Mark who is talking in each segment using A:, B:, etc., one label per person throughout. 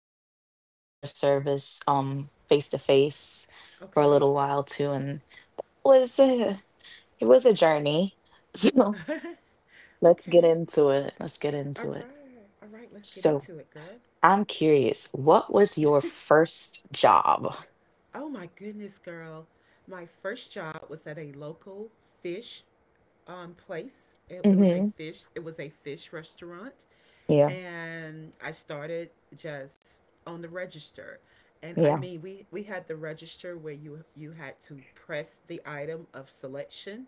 A: I worked in
B: Two.
A: customer service, face to face for a
B: Okay.
A: little while too, and was a, it was a journey. So let's get
B: Okay.
A: into it. Let's get
B: All
A: into it.
B: right. All right. Let's get
A: So,
B: into it, girl.
A: I'm curious, what was your first job?
B: Oh my goodness, girl. My first job was at a local fish place. It was a
A: Mm-hmm.
B: fish. It was a fish restaurant,
A: Yeah,
B: and I started just on the register. And I
A: yeah,
B: mean, we had the register where you had to press the item of selection,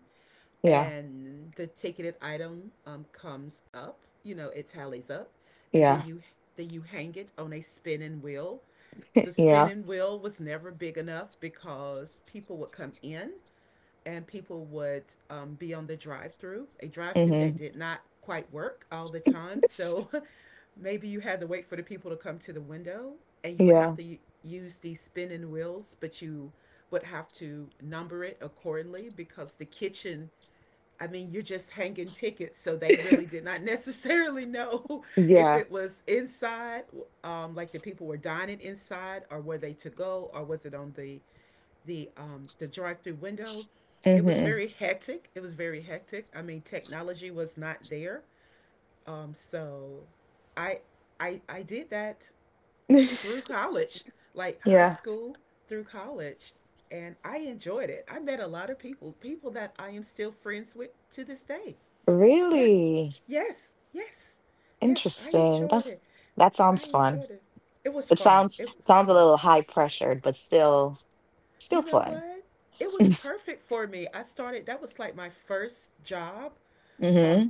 A: yeah,
B: and the ticketed item comes up, you know, it tallies up, and then
A: yeah,
B: you then you hang it on a spinning wheel. The
A: yeah.
B: spinning wheel was never big enough because people would come in, and people would be on the drive through, a drive through that
A: Mm-hmm.
B: did not quite work all the time, so maybe you had to wait for the people to come to the window. And you would have
A: Yeah,
B: to use these spinning wheels, but you would have to number it accordingly, because the kitchen, I mean, you're just hanging tickets, so they really did not necessarily know if
A: yeah.
B: it was inside, like the people were dining inside, or were they to go, or was it on the the drive-through window. It was
A: Mm-hmm.
B: very hectic. It was very hectic. I mean, technology was not there, so I I did that through college, like high
A: Yeah.
B: school through college, and I enjoyed it. I met a lot of people, people that I am still friends with to this day. Yes,
A: Really
B: yes, yes, yes. I
A: interesting.
B: enjoyed
A: That's
B: it.
A: that
B: I
A: sounds fun.
B: enjoyed it. It was
A: It
B: fun.
A: sounds
B: It was
A: sounds a
B: fun.
A: little high pressured, but still
B: You
A: still
B: know
A: fun.
B: what? It was perfect for me. I started, that was like my first job. Um,
A: Mm-hmm.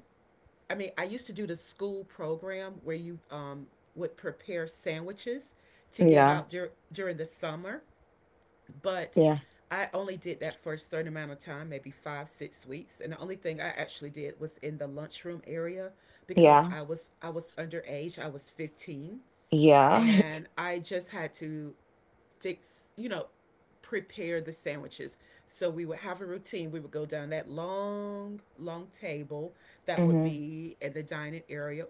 B: I mean, I used to do the school program where you would prepare sandwiches to give
A: Yeah,
B: out during the summer. But
A: yeah,
B: I only did that for a certain amount of time, maybe five, 6 weeks. And the only thing I actually did was in the lunchroom area because
A: yeah,
B: I was underage. I was 15,
A: yeah.
B: and I just had to fix, you know, prepare the sandwiches. So we would have a routine. We would go down that long, long table that would
A: Mm-hmm.
B: be in the dining area,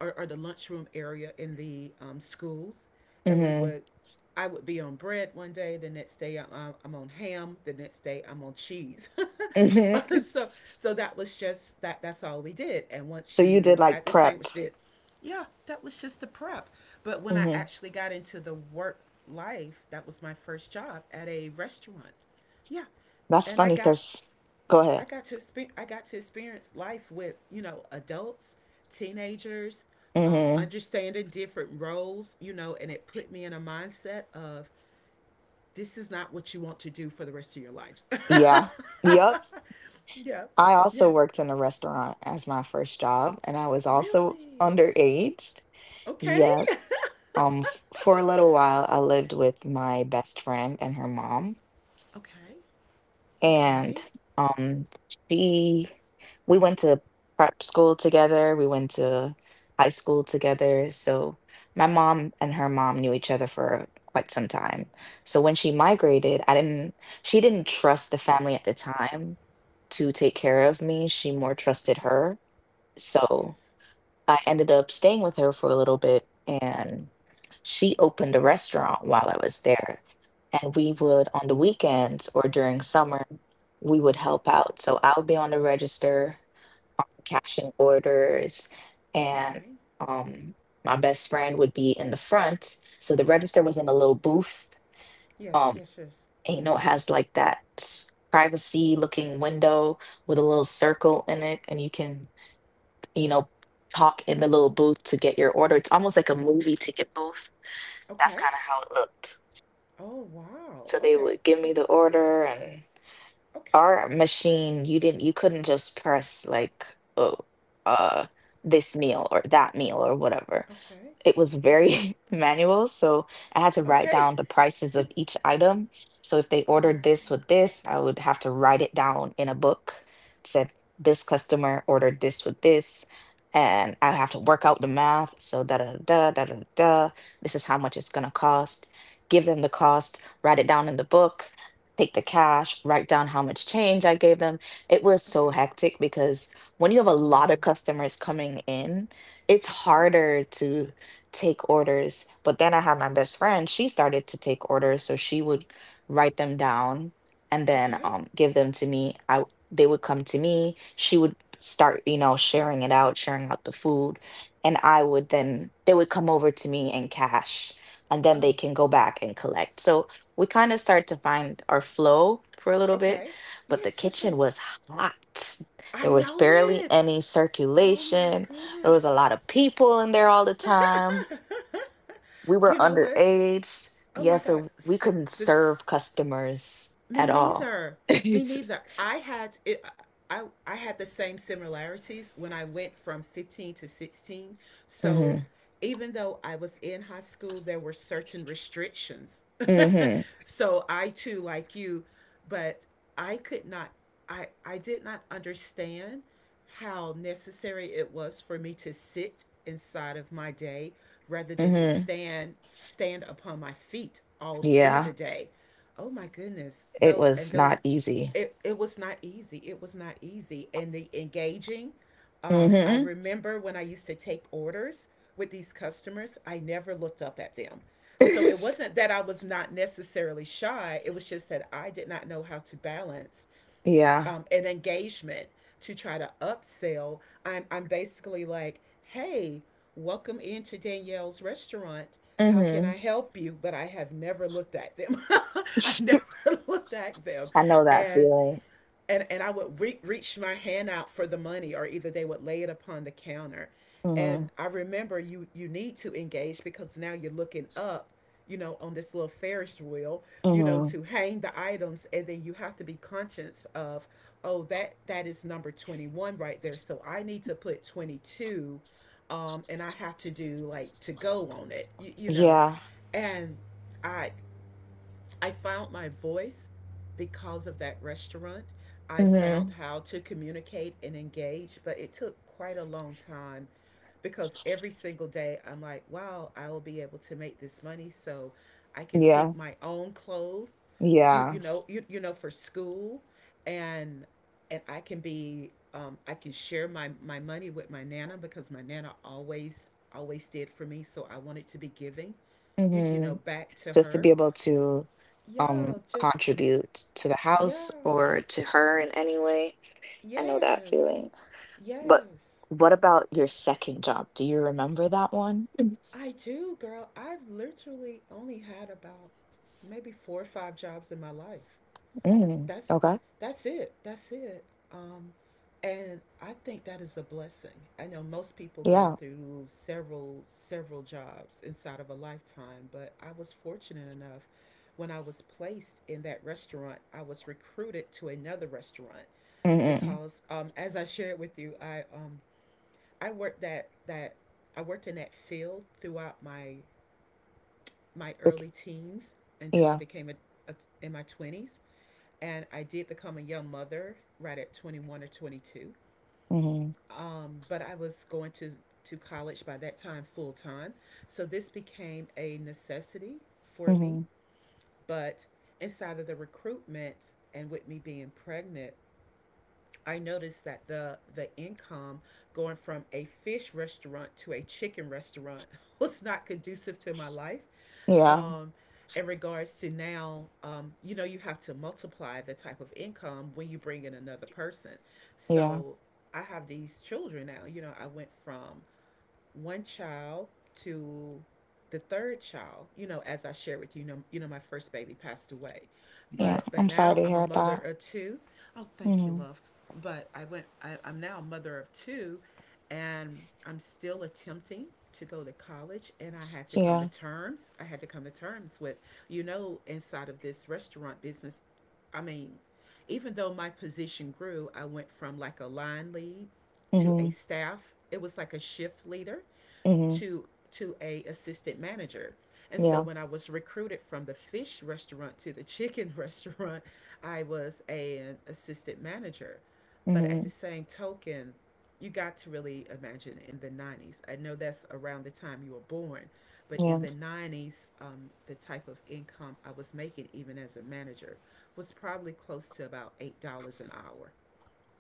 B: or the lunchroom area in the schools. And we
A: Mm-hmm.
B: would, I would be on bread one day, the next day I'm on ham, the next day I'm on cheese.
A: Mm-hmm.
B: so so that was just that, that's all we did. And once
A: So you did
B: you
A: like
B: had this
A: prep.
B: sandwich did, yeah, that was just the prep. But when I
A: Hmm.
B: actually got into the work life, that was my first job at a restaurant. Yeah.
A: That's
B: And i
A: funny
B: got
A: because go
B: I
A: ahead.
B: got to experience I got to experience life with, you know, adults, teenagers,
A: Hmm.
B: understanding different roles, you know, and it put me in a mindset of, this is not what you want to do for the rest of your life.
A: Yeah. Yep.
B: Yeah.
A: I also
B: Yes.
A: worked in a restaurant as my first job, and I was also
B: Really.
A: underage.
B: Okay.
A: Yes. For a little while, I lived with my best friend and her mom.
B: Okay. Okay.
A: And um she We went to prep school together, we went to high school together, so my mom and her mom knew each other for quite some time. So when she
B: Okay.
A: migrated, I didn't she didn't trust the family at the time to take care of me. She more trusted
B: Okay.
A: her. So
B: Yes.
A: I ended up staying with her for a little bit, and she opened a restaurant while I was there. And we would, on the weekends or during summer, we would help out. So I would be on the register, cashing orders, and
B: Okay.
A: um, my best friend would be in the front. So the register was in a little booth.
B: Yes.
A: Um,
B: Yes. Yes.
A: and you know, it has like that privacy looking window with a little circle in it, and you can you know, talk in the little booth to get your order. It's almost like a movie ticket booth. That's
B: Okay.
A: kind of how it looked.
B: Oh wow.
A: So they
B: Okay.
A: would give
B: Okay.
A: me the order and
B: Okay.
A: our machine, you couldn't just press like, oh, uh, this meal or that meal or whatever.
B: Okay.
A: It was
B: Yes.
A: very manual, so I had to write
B: Okay.
A: down the prices of each item. So if they
B: Oh my
A: ordered this
B: goodness.
A: with this, I would have to write it down in a book. Said this customer ordered this with this, and I have to work out the math. So da da da da da da. Da, this is how much it's gonna cost. Give them the cost. Write it down in the book. Take the cash. Write down how much change I gave them. It was so
B: Okay.
A: hectic because when you have a
B: Wow.
A: lot of customers coming in, it's
B: Okay.
A: harder to take orders. But then I had my best friend, she started to take orders, so she would write them down and then
B: Okay.
A: give them to me. They would come to me. She would start, you know, sharing it out, sharing out the food, and I would then they would come over to me and cash, and then they
B: Oh.
A: can go back and collect. So we kind of start to find our flow for a little bit,
B: Okay.
A: but the
B: Yes. Yes.
A: kitchen
B: Yes.
A: was hot.
B: I
A: There was
B: know
A: barely
B: it.
A: any
B: Oh my
A: circulation. There was
B: goodness.
A: a lot of people in there all the time. We
B: You
A: were
B: know what?
A: underage.
B: Oh my
A: Yeah,
B: God.
A: so we
B: S-
A: couldn't serve
B: this
A: customers
B: Me
A: at all.
B: neither. Me
A: It's-
B: neither. I had it. I had the same similarities when I went from 15 to 16. So
A: Mm-hmm.
B: even though I was in high school, there were certain restrictions.
A: Mm-hmm.
B: So I too, like you, but I could not. I did not understand how necessary it was for me to sit inside of my day rather than to
A: Mm-hmm.
B: stand upon my feet all through the
A: Yeah,
B: day. Oh my goodness,
A: it
B: though. And
A: was
B: those,
A: not easy.
B: it was not easy. It was not easy. And the engaging, I
A: Mm-hmm.
B: remember when I used to take orders with these customers, I never looked up at them. So it
A: it's-
B: wasn't that I was not necessarily shy, it was just that I did not know how to balance
A: Yeah.
B: an engagement, to try to upsell. I'm basically like, hey, welcome into Danielle's restaurant. How can
A: Mm-hmm.
B: I help you? But I have never looked at them. I never looked at them.
A: I know that
B: And
A: feeling.
B: and I would reach my hand out for the money, or either they would lay it upon the counter.
A: Mm-hmm.
B: And I remember you need to engage because now you're looking up, you know, on this little Ferris wheel, you know,
A: Mm-hmm.
B: to hang the items, and then you have to be conscious of, oh, that is number 21 right there, so I need to put 22, and I have to do like to go on it,
A: Yeah.
B: and I I found my voice because of that restaurant. I
A: Mm-hmm.
B: found how to communicate and engage, but it took quite a long time because every single day I'm like, wow, I will be able to make this money so I can
A: Yeah.
B: pick my own clothes, you
A: Yeah.
B: you know, you, you know for school, and and I can be I can share my money with my nana because my nana always did for me, so I wanted to be giving,
A: Mm-hmm.
B: back to
A: Just to be
B: her.
A: able to
B: Yeah, just
A: contribute to the house
B: yeah.
A: or to her in any way. I know that
B: Yes.
A: feeling. But
B: Yes.
A: what about your second job? Do you remember that one? Yes.
B: I do, girl. I've literally only had about maybe four or five jobs in my life.
A: Mm,
B: That's
A: okay.
B: that's it. That's it. Um and I think that is a blessing. I know most people go
A: Yeah.
B: through several jobs inside of a lifetime, but I was fortunate enough. When I was placed in that restaurant, I was recruited to another restaurant
A: Mm-mm.
B: because, as I shared with you, I worked that that I worked in that field throughout my
A: Okay.
B: early teens until I
A: Yeah.
B: became a in my twenties, and I did become a young mother right at 21 or 22.
A: Mm-hmm.
B: But I was going to college by that time full time, so this became a necessity for me.
A: Mm-hmm.
B: But inside of the recruitment and with me being pregnant, I noticed that the income, going from a fish restaurant to a chicken restaurant was not conducive to my life.
A: Yeah.
B: Um, in regards to now, you know, you have to multiply the type of income when you bring in another person.
A: Yeah.
B: So I have these children now. You know, I went from one child to the third child, you know, as I share with you, you know my first baby passed away,
A: Yeah.
B: but
A: I'm sorry
B: now
A: to
B: I'm a
A: hear
B: mother
A: that.
B: of two. Oh, thank you,
A: Mm-hmm.
B: love. But I went, I'm now a mother of two, and I'm still attempting to go to college, and I had to come to
A: Yeah.
B: terms I had to come to terms with, you know, inside of this restaurant business. I mean, even though my position grew, I went from like a line lead to a
A: Mm-hmm.
B: staff, it was like a shift leader
A: Mm-hmm.
B: to a assistant manager. And so
A: Yeah.
B: when I was recruited from the fish restaurant to the chicken restaurant, I was an assistant manager. But at the
A: Mm-hmm.
B: same token, you got to really imagine in the 90s. I know that's around the time you were born, but in
A: Yeah.
B: the 90s, the type of income I was making, even as a manager, was probably close to about $8 an hour.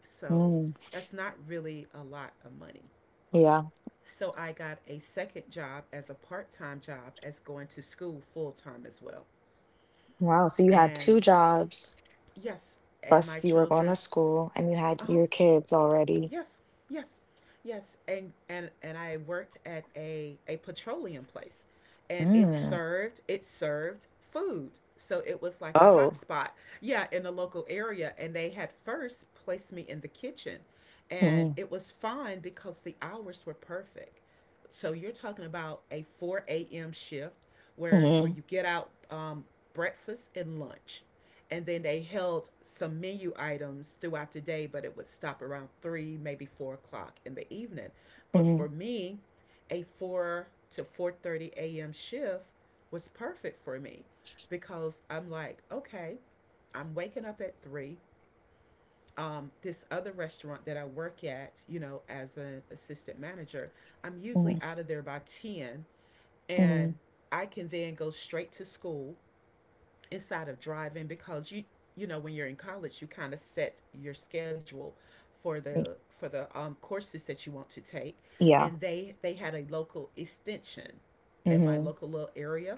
B: So
A: Mm.
B: that's not really a lot of money.
A: Yeah.
B: So I got a second job, as a part time job, as going to school full time as well.
A: Wow. So you had two
B: And
A: jobs,
B: yes, and my
A: plus you were going to
B: children,
A: school and you had
B: uh huh,
A: your kids already.
B: yes, yes, yes. And I worked at a petroleum place, and it
A: Mm.
B: served food. So it was like a hot
A: Oh.
B: spot, yeah, in the local area. And they had first placed me in the kitchen, and
A: Mm-hmm.
B: it was fine because the hours were perfect. So you're talking about a 4 a.m. shift where
A: Mm-hmm.
B: you get out breakfast and lunch, and then they held some menu items throughout the day, but it would stop around 3, maybe 4 o'clock in the evening. But
A: Mm-hmm.
B: for me, a 4 to 4:30 a.m. shift was perfect for me because I'm like, okay, I'm waking up at 3. This other restaurant that I work at, you know, as an assistant manager, I'm
A: Mm-hmm.
B: usually out of there by ten,
A: Mm-hmm.
B: and I can then go straight to school inside of driving because you know when you're in college you kind of set your schedule for the courses that you want to take,
A: Yeah.
B: and they had a local extension in my
A: Mm-hmm.
B: local little area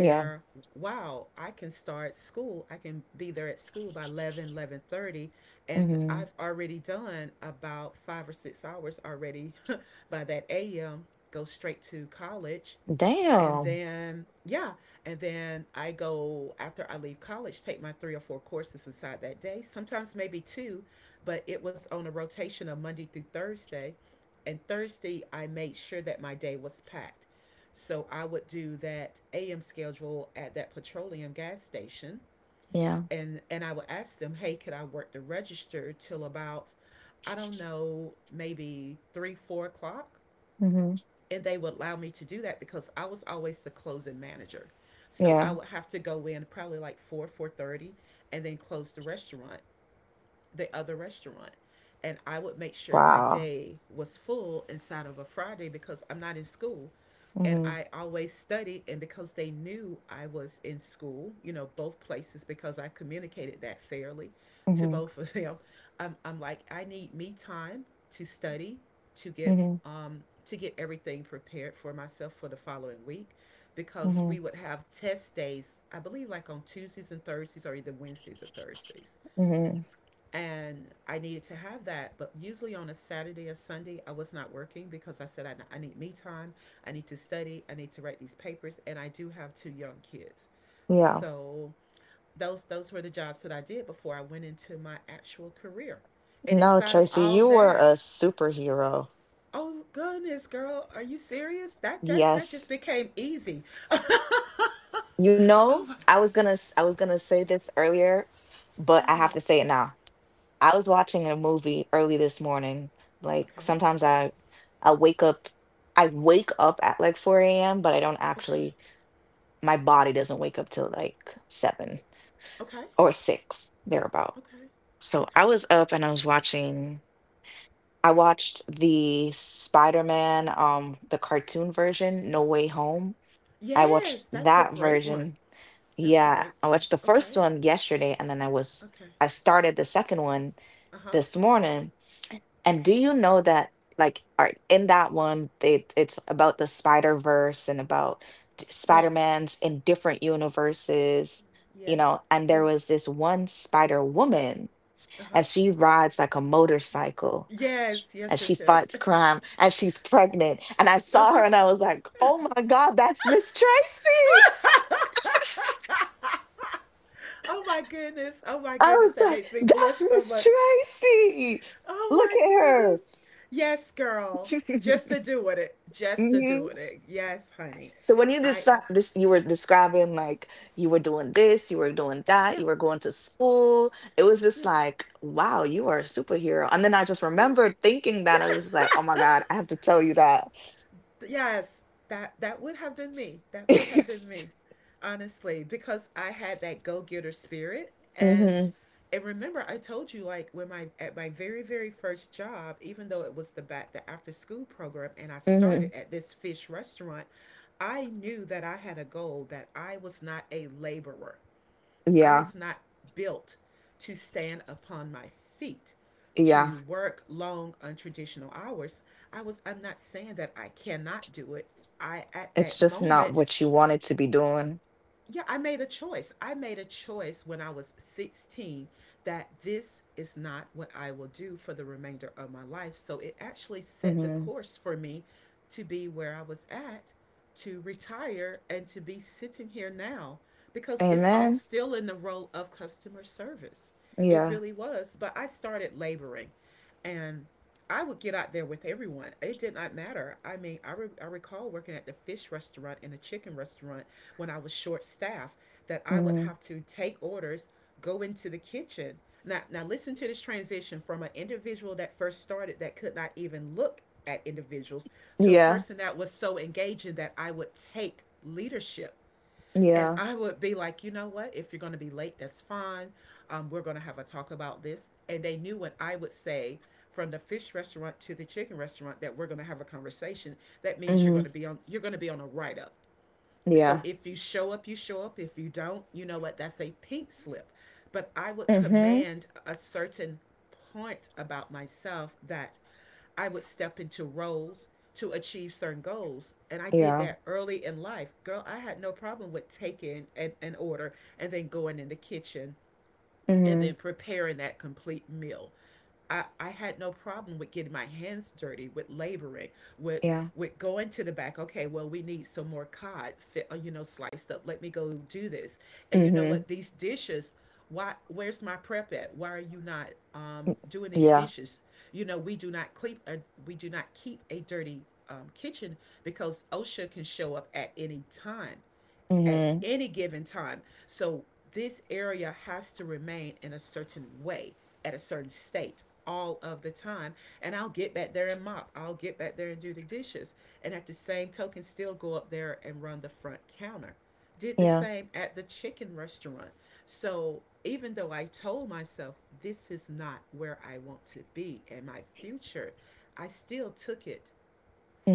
A: Yeah.
B: wow, I can start school, I can be there at school by 11, 11:30 and I've
A: Mhm.
B: already done about five or six hours already by that a.m. Go straight to college, and
A: Damn.
B: then yeah, and then I go, after I leave college, take my three or four courses inside that day, sometimes maybe two. But it was on a rotation of Monday through Thursday, and Thursday I made sure that my day was packed, so I would do that a.m. schedule at that petroleum gas station.
A: Yeah.
B: And I would ask them, hey, could I work the register till about, I don't know, maybe 3, 4 o'clock
A: Mhm.
B: And they would allow me to do that because I was always the closing manager. So I
A: Yeah.
B: would have to go in probably like 4, 4:30 and then close the restaurant, the other restaurant. And I would make sure my
A: Wow.
B: day was full inside of a Friday because I'm not in school. And
A: Mhm.
B: I always studied, and because they knew I was in school, you know, both places, because I communicated that fairly to
A: Mhm.
B: both of them, I'm like, I need me time to study, to get
A: Mhm.
B: to get everything prepared for myself for the following week because we
A: Mhm.
B: would have test days, I believe like on Tuesdays and Thursdays or either Wednesdays or Thursdays,
A: Mhm.
B: and I needed to have that. But usually on a Saturday or Sunday, I was not working because I said I need me time, I need to study, I need to write these papers, and I do have two young kids.
A: Yeah.
B: So those were the jobs that I did before I went into my actual career. And
A: No,
B: inside of
A: Tracy,
B: all
A: you were a
B: that,
A: superhero.
B: oh goodness, girl, are you serious? That just
A: Yes.
B: became easy.
A: You
B: Oh
A: know,
B: my,
A: I was gonna say this earlier, but I have
B: what?
A: to say it now. I was watching a movie early this morning. Like
B: Okay,
A: sometimes I wake up I wake up at like 4 a.m., but I don't
B: okay,
A: actually my body doesn't wake up till like 7
B: okay,
A: or 6 thereabout.
B: okay,
A: So I
B: okay.
A: was up and I was watching. I watched the Spider-Man, the cartoon version, No Way Home. I
B: Yes,
A: watched
B: that's a
A: that
B: great one.
A: version.
B: That's a
A: Yeah,
B: great
A: I
B: one.
A: watched the first
B: Okay.
A: one yesterday, and then
B: Okay.
A: I started the second one
B: Uh huh.
A: this morning. And
B: Okay.
A: do you know that like all right, in that one, they it's about the Spider-Verse and about
B: Yes.
A: Spider-Mans in different universes, you
B: Yes.
A: know, and there
B: Yes.
A: was this one Spider-Woman
B: Uh huh.
A: as she rides like a motorcycle,
B: Yes.
A: as
B: Yes.
A: she
B: Yes. Yes.
A: fights crime, as she's pregnant. And I saw her
B: Uh-huh.
A: and I was like, oh my God, that's Miss Tracy.
B: Oh my goodness. Oh my
A: I
B: goodness.
A: was
B: That
A: like,
B: makes me blush
A: that's
B: so
A: Miss
B: much.
A: Tracy.
B: Oh
A: Look
B: my
A: at her.
B: goodness. Yes, girl. Just to do with it. Just to do
A: Mhm.
B: with it. Yes, honey.
A: So when you
B: I
A: decide
B: am. Co-
A: this, you were describing like you were doing this, you were doing that,
B: Yeah.
A: you were going to school. It was just
B: Yeah.
A: like, wow, you are a superhero. And then I just
B: Yes.
A: remembered thinking that I was just like, oh my God, I have to tell you that.
B: Yes. Yes. That would have been me. That would have been me honestly, because I had that go getter spirit and
A: Mhm,
B: and remember I told you, like when my, at my very first job, even though it was the back, the after school program, and I
A: mhm.
B: started at this fish restaurant, I knew that I had a goal, that I was not a laborer, I
A: Yeah,
B: was not built to stand upon my feet
A: yeah.
B: to work long untraditional hours. I'm not saying that I cannot do it. I, at
A: It's
B: that
A: just not
B: moment,
A: what you wanted to be doing.
B: yeah, I made a choice. I made a choice when I was 16, that this is not what I will do for the remainder of my life. So it actually set the
A: Mhm.
B: course for me to be where I was at, to retire, and to be sitting here now, because it's all
A: Amen.
B: still in the role of customer service. It
A: Yeah.
B: really was. But I started laboring, and I would get out there with everyone. It did not matter. I mean, I, re- I recall working at the fish restaurant and the chicken restaurant when I was short staffed, that I would
A: Mhm.
B: have to take orders, go into the kitchen. Now listen to this transition, from an individual that first started, that could not even look at individuals, to a
A: Yeah.
B: person that was so engaging that I would take leadership. And
A: Yeah.
B: I would be like, you know what? If you're going to be late, that's fine. We're going to have a talk about this. And they knew when I would say, from the fish restaurant to the chicken restaurant, that we're going to have a conversation. That means
A: Mhm.
B: you're going to be on a write up. So
A: Yeah.
B: if you show up, you show up. If you don't, you know what? That's a pink slip. But I would
A: Mhm.
B: command a certain point about myself, that I would step into roles to achieve certain goals. And I did
A: Yeah.
B: that early in life. Girl, I had no problem with taking an order and then going in the kitchen and then
A: Mhm.
B: preparing that complete meal. I had no problem with getting my hands dirty, with laboring, with
A: Yeah.
B: with going to the back. Okay, well we need some more cod, fit, you know, sliced up. Let me go do this. And you know
A: Mhm.
B: what? These dishes. Why? Where's my prep at? Why are you not
A: Mm,
B: doing these
A: yeah.
B: dishes? You know, we do not keep a dirty kitchen, because OSHA can show up at any time, at
A: Mhm.
B: any given time. So this area has to remain in a certain way, at a certain state all of the time. And I'll get back there and mop. I'll get back there and do the dishes. And at the same token, still go up there and run the front counter. Did the
A: Yeah.
B: same at the chicken restaurant. So even though I told myself this is not where I want to be in my future, I still took it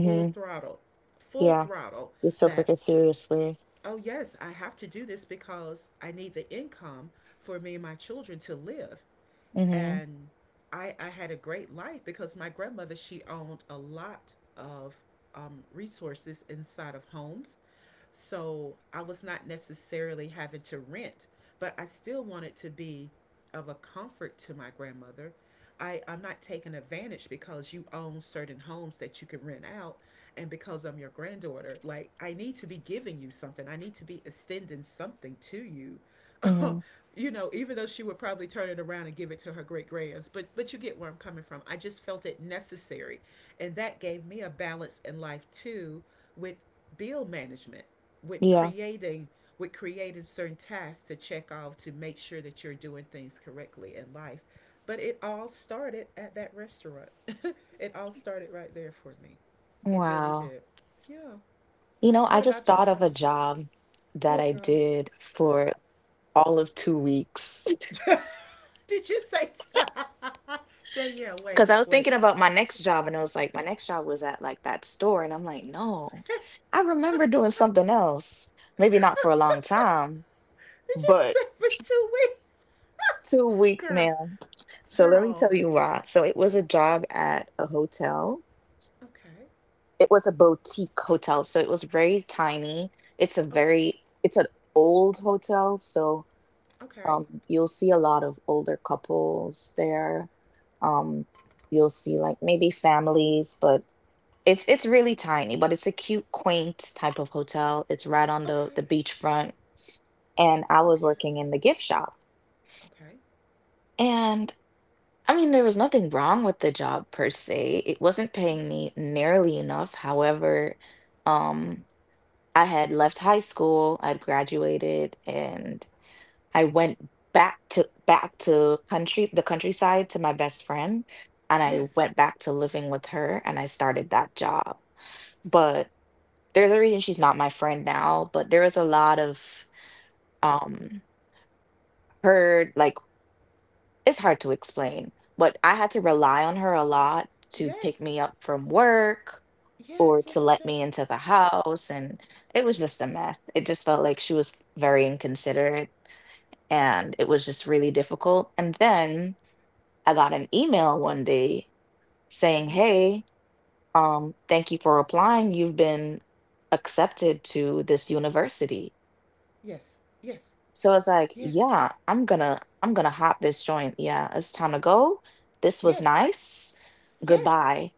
B: full throttle, full
A: Yeah.
B: throttle,
A: You still took
B: that
A: it seriously.
B: oh yes, I have to do this because I need the income for me and my children to live.
A: Mhm.
B: And I had a great life because my grandmother, she owned a lot of resources inside of homes, so I was not necessarily having to rent, but I still wanted to be of a comfort to my grandmother. I'm not taking advantage because you own certain homes that you can rent out, and because I'm your granddaughter, like I need to be giving you something. I need to be extending something to you
A: Mhm.
B: you know, even though she would probably turn it around and give it to her great grands. But you get where I'm coming from. I just felt it necessary, and that gave me a balance in life too, with bill management, with
A: Yeah.
B: creating, with creating certain tasks to check off to make sure that you're doing things correctly in life. But it all started at that restaurant. It all started right there for me. It really
A: Wow.
B: did. Yeah.
A: You know, I
B: What
A: just
B: about
A: thought of a
B: yourself?
A: job that
B: What
A: I
B: girl?
A: did for all of 2 weeks.
B: Did you say Danielle? Wait,
A: Because I was
B: wait.
A: thinking about my next job, and I was like, my next job was at like that store. And I'm like, no,
B: Okay.
A: I remember doing something else. Maybe not for a long time,
B: Did you
A: but
B: say for two weeks?
A: two weeks,
B: girl,
A: ma'am. So let me
B: girl.
A: tell you why. So it was a job at a hotel.
B: Okay,
A: It was a boutique hotel. So it was very tiny.
B: okay,
A: It's an old hotel. So
B: okay,
A: you'll see a lot of older couples there. Um, you'll see like maybe families, but it's really tiny, but it's a cute, quaint type of hotel. It's right on the
B: okay,
A: the beachfront, and I was
B: okay,
A: working in the gift shop.
B: okay.
A: And I mean, there was nothing wrong with the job per se. It wasn't paying
B: Yes,
A: me nearly enough. However, um, I had left high school, I'd graduated, and I went back to back to country the countryside to my best friend, and I
B: yes,
A: went back to living with her, and I started that job. But there's a reason she's not my friend now, but there was a lot of um her like it's hard to explain, but I had to rely on her a lot to pick
B: yes,
A: me up from work or
B: yes,
A: to
B: yes, yes,
A: let me
B: yes.
A: into the house, and it was just a mess. It just felt like she was very inconsiderate
B: Mm-hmm.
A: and it was just really difficult. And then I got an email one day saying,
B: Mm-hmm.
A: "Hey, thank you for applying. You've been accepted to this university."
B: Yes, yes,
A: So it's like,
B: yes,
A: yeah, I'm gonna hop this joint. Yeah, it's time to go. This was
B: yes,
A: nice.
B: yes.
A: Goodbye.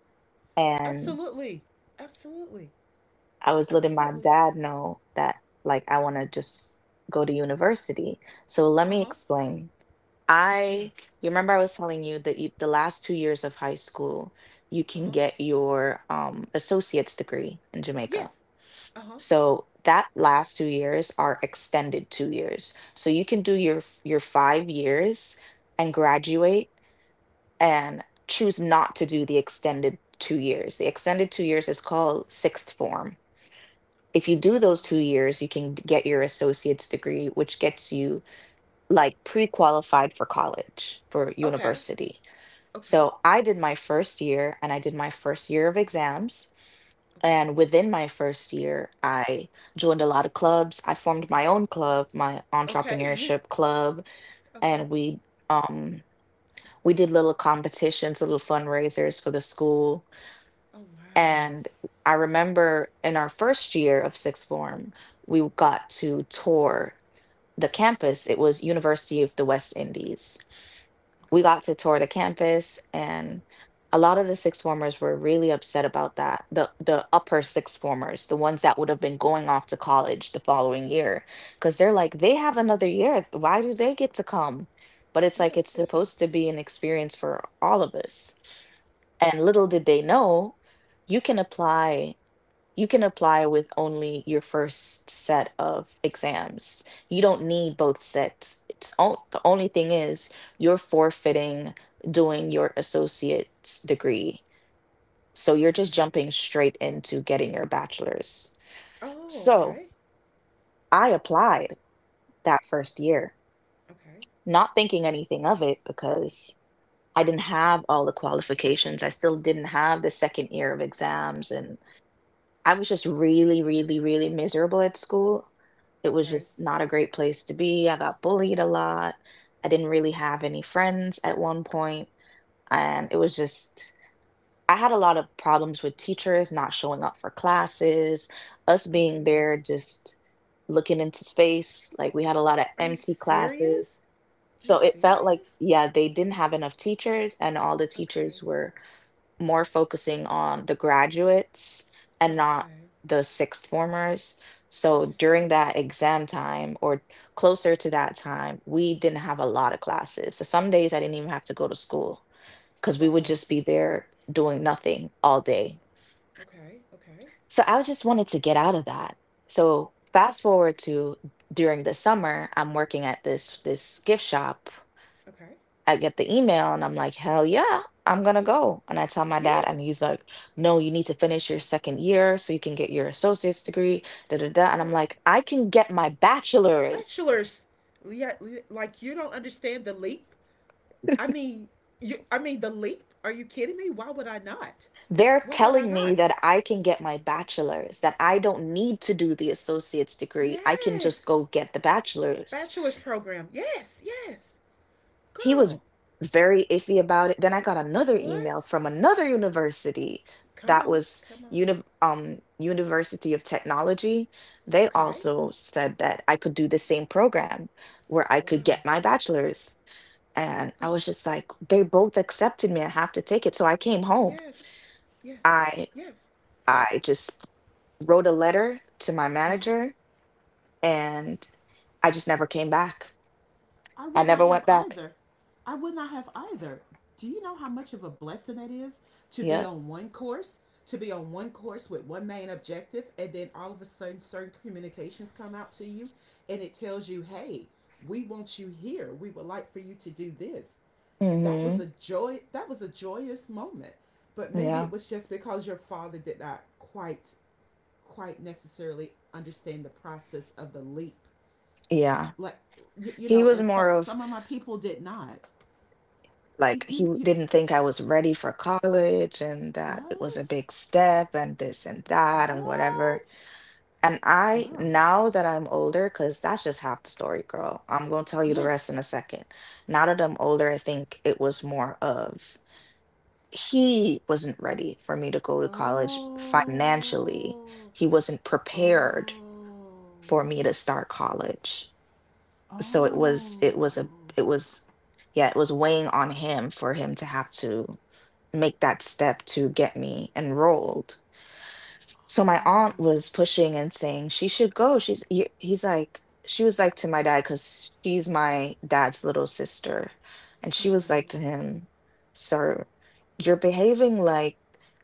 A: And
B: Absolutely, absolutely,
A: I was letting my
B: absolutely.
A: dad know that like I want to just go to university. So let
B: Uh
A: me
B: huh.
A: explain.
B: Yeah.
A: I you remember I was telling you that the last 2 years of high school, you
B: Uh
A: can
B: huh.
A: get your associate's degree in Jamaica.
B: Yes. Uh huh.
A: So that last 2 years are extended 2 years. So you can do your your 5 years and graduate and choose not to do the extended 2 years. The extended 2 years is called sixth form. If
B: Oh.
A: you do those 2 years, you can get your associate's degree, which gets you like pre-qualified for college, for
B: Okay.
A: university.
B: Okay.
A: So I did my first year and I did my first year of exams and within my first year, I joined a lot of clubs. I formed my own club, my
B: Okay. Okay.
A: entrepreneurship club,
B: okay.
A: and um we did little competitions, little fundraisers for the school.
B: Oh wow.
A: And I remember in our first year of sixth form, we got to tour the campus. It was University of the West Indies. We
B: Okay.
A: got to tour the campus, and a lot of the sixth formers were really upset about that. The upper sixth formers, the ones that would have been going off to college the following year, because they're like, they have another year, why do they get to come? But it's like, it's
B: Yes. Yes.
A: supposed
B: Yes.
A: to be an experience for all of us. And little did they know, you can apply you can apply with only your first set of exams. You don't need both sets. The only thing is, you're forfeiting doing your associate's degree. So you're just
B: Okay.
A: jumping straight into getting your bachelor's.
B: Oh.
A: So
B: Okay.
A: I applied that first year,
B: Okay.
A: not thinking anything of it, because I didn't have all the qualifications. I still didn't have the second year of exams. And I was just really, really, really miserable at school. It was
B: Okay.
A: just not a great place to be. I got bullied a lot. I didn't really have any friends at one point, and it was just, I had a lot of problems with teachers not showing up for classes, us
B: Oh
A: being
B: goodness.
A: there just looking into space. Like, we had a lot of
B: Are you
A: empty classes.
B: serious? Are
A: So
B: you
A: it felt like,
B: serious?
A: yeah, they didn't have enough teachers, and all the
B: Okay.
A: teachers were more focusing on the graduates and not
B: Okay.
A: the sixth formers. So
B: Understood.
A: during that exam time, or closer to that time, we didn't have a lot of classes. So some days I didn't even have to go to school, because we would
B: Wow.
A: just be there doing nothing all day.
B: Okay. Okay.
A: So I just wanted to get out of that. So fast forward to during the summer, I'm working at this gift shop.
B: Okay.
A: I get the email and I'm like, hell yeah, I'm gonna go. And I tell my dad, and
B: Yes.
A: he's like, no, you need to finish your second year so you can get your associate's degree, da da da. And I'm
B: But
A: like, I can get my bachelor's.
B: bachelors. Yeah. li- Like you don't understand the leap. I mean, you. I mean the leap. Are you kidding me? Why would I not?
A: They're
B: Why would I
A: telling me
B: not?
A: that I can get my bachelor's, that I don't need to do the associate's degree. I can just
B: Yes.
A: go get the bachelor's.
B: Bachelor's program. Yes, yes.
A: He was
B: Girl,
A: very iffy about it. Then I got another email
B: what?
A: from another university,
B: Come
A: that
B: on,
A: was
B: come on.
A: University of Technology. They
B: Okay.
A: also said that I could do the same program where I could
B: Wow.
A: get my bachelor's. And
B: Uh,
A: I was just like, they both accepted me. I have to take it. So I came home.
B: yes, yes,
A: I
B: yes.
A: I just wrote a letter to my
B: Uh huh.
A: manager, and I just never came back.
B: I
A: I
B: would not
A: never
B: have
A: went back.
B: either. I would not have either. Do you know how much of a blessing it is to be
A: Yeah.
B: on one course, to be on one course with one main objective, and then all of a sudden certain communications come out to you, and it tells you, hey, we want you here. We would like for you to do this. That was
A: Hmm.
B: a joy, that was a joyous moment. But maybe it
A: Yeah.
B: was just because your father did not quite, quite necessarily understand the process of the leap,
A: Yeah.
B: like, you
A: He
B: know,
A: was
B: and some,
A: more of,
B: some of my people did not. you,
A: like,
B: you you
A: didn't think I was ready for college, and that it was a
B: what?
A: big step and this and that and whatever.
B: What
A: And I,
B: girl?
A: now that I'm older, because that's just half the story, girl. I'm going to tell you the
B: Yes.
A: rest in a second. Now that I'm older, I think it was more of, he wasn't ready for me to go to college financially.
B: Oh.
A: He wasn't prepared
B: Oh.
A: for me to start college. So it was a
B: Oh.
A: it was yeah it was weighing on him, for him to have to make that step to get me enrolled. So my aunt
B: Oh.
A: was pushing and saying she should go. She's He's like, she was like to my dad, because she's my dad's little sister, and she was
B: Okay.
A: like to him, "Sir, you're behaving like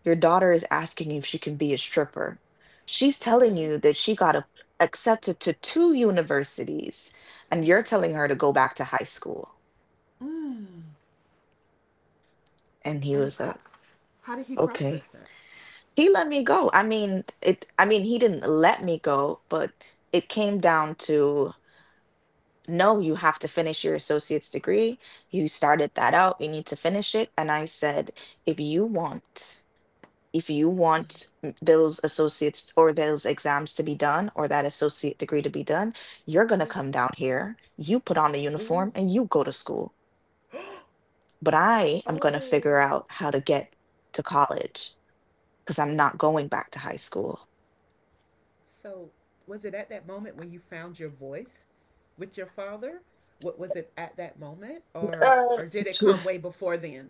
A: your daughter is asking you if she can be a stripper. She's telling
B: Okay.
A: you that she got accepted to two universities, and you're telling
B: Yes.
A: her to go back to high school."
B: Mm.
A: And he
B: And
A: was like,
B: how did he
A: "Okay."
B: process that?
A: He let me go. I mean, it, I mean, he didn't let me go, but it came down to, no, you have to finish your associate's degree. You started that out. You need to finish it. And I said, if you want, if you want those associates, or those exams to be done, or that associate degree to be done, you're going to
B: Yes.
A: come down here, you put on the uniform
B: Ooh.
A: and you go to school. But I am going to
B: Oh.
A: figure out how to get to college, because I'm not going back to high school.
B: So was it at that moment when you found your voice with your father? What was it at that moment, or
A: Uh,
B: or did it come way before then?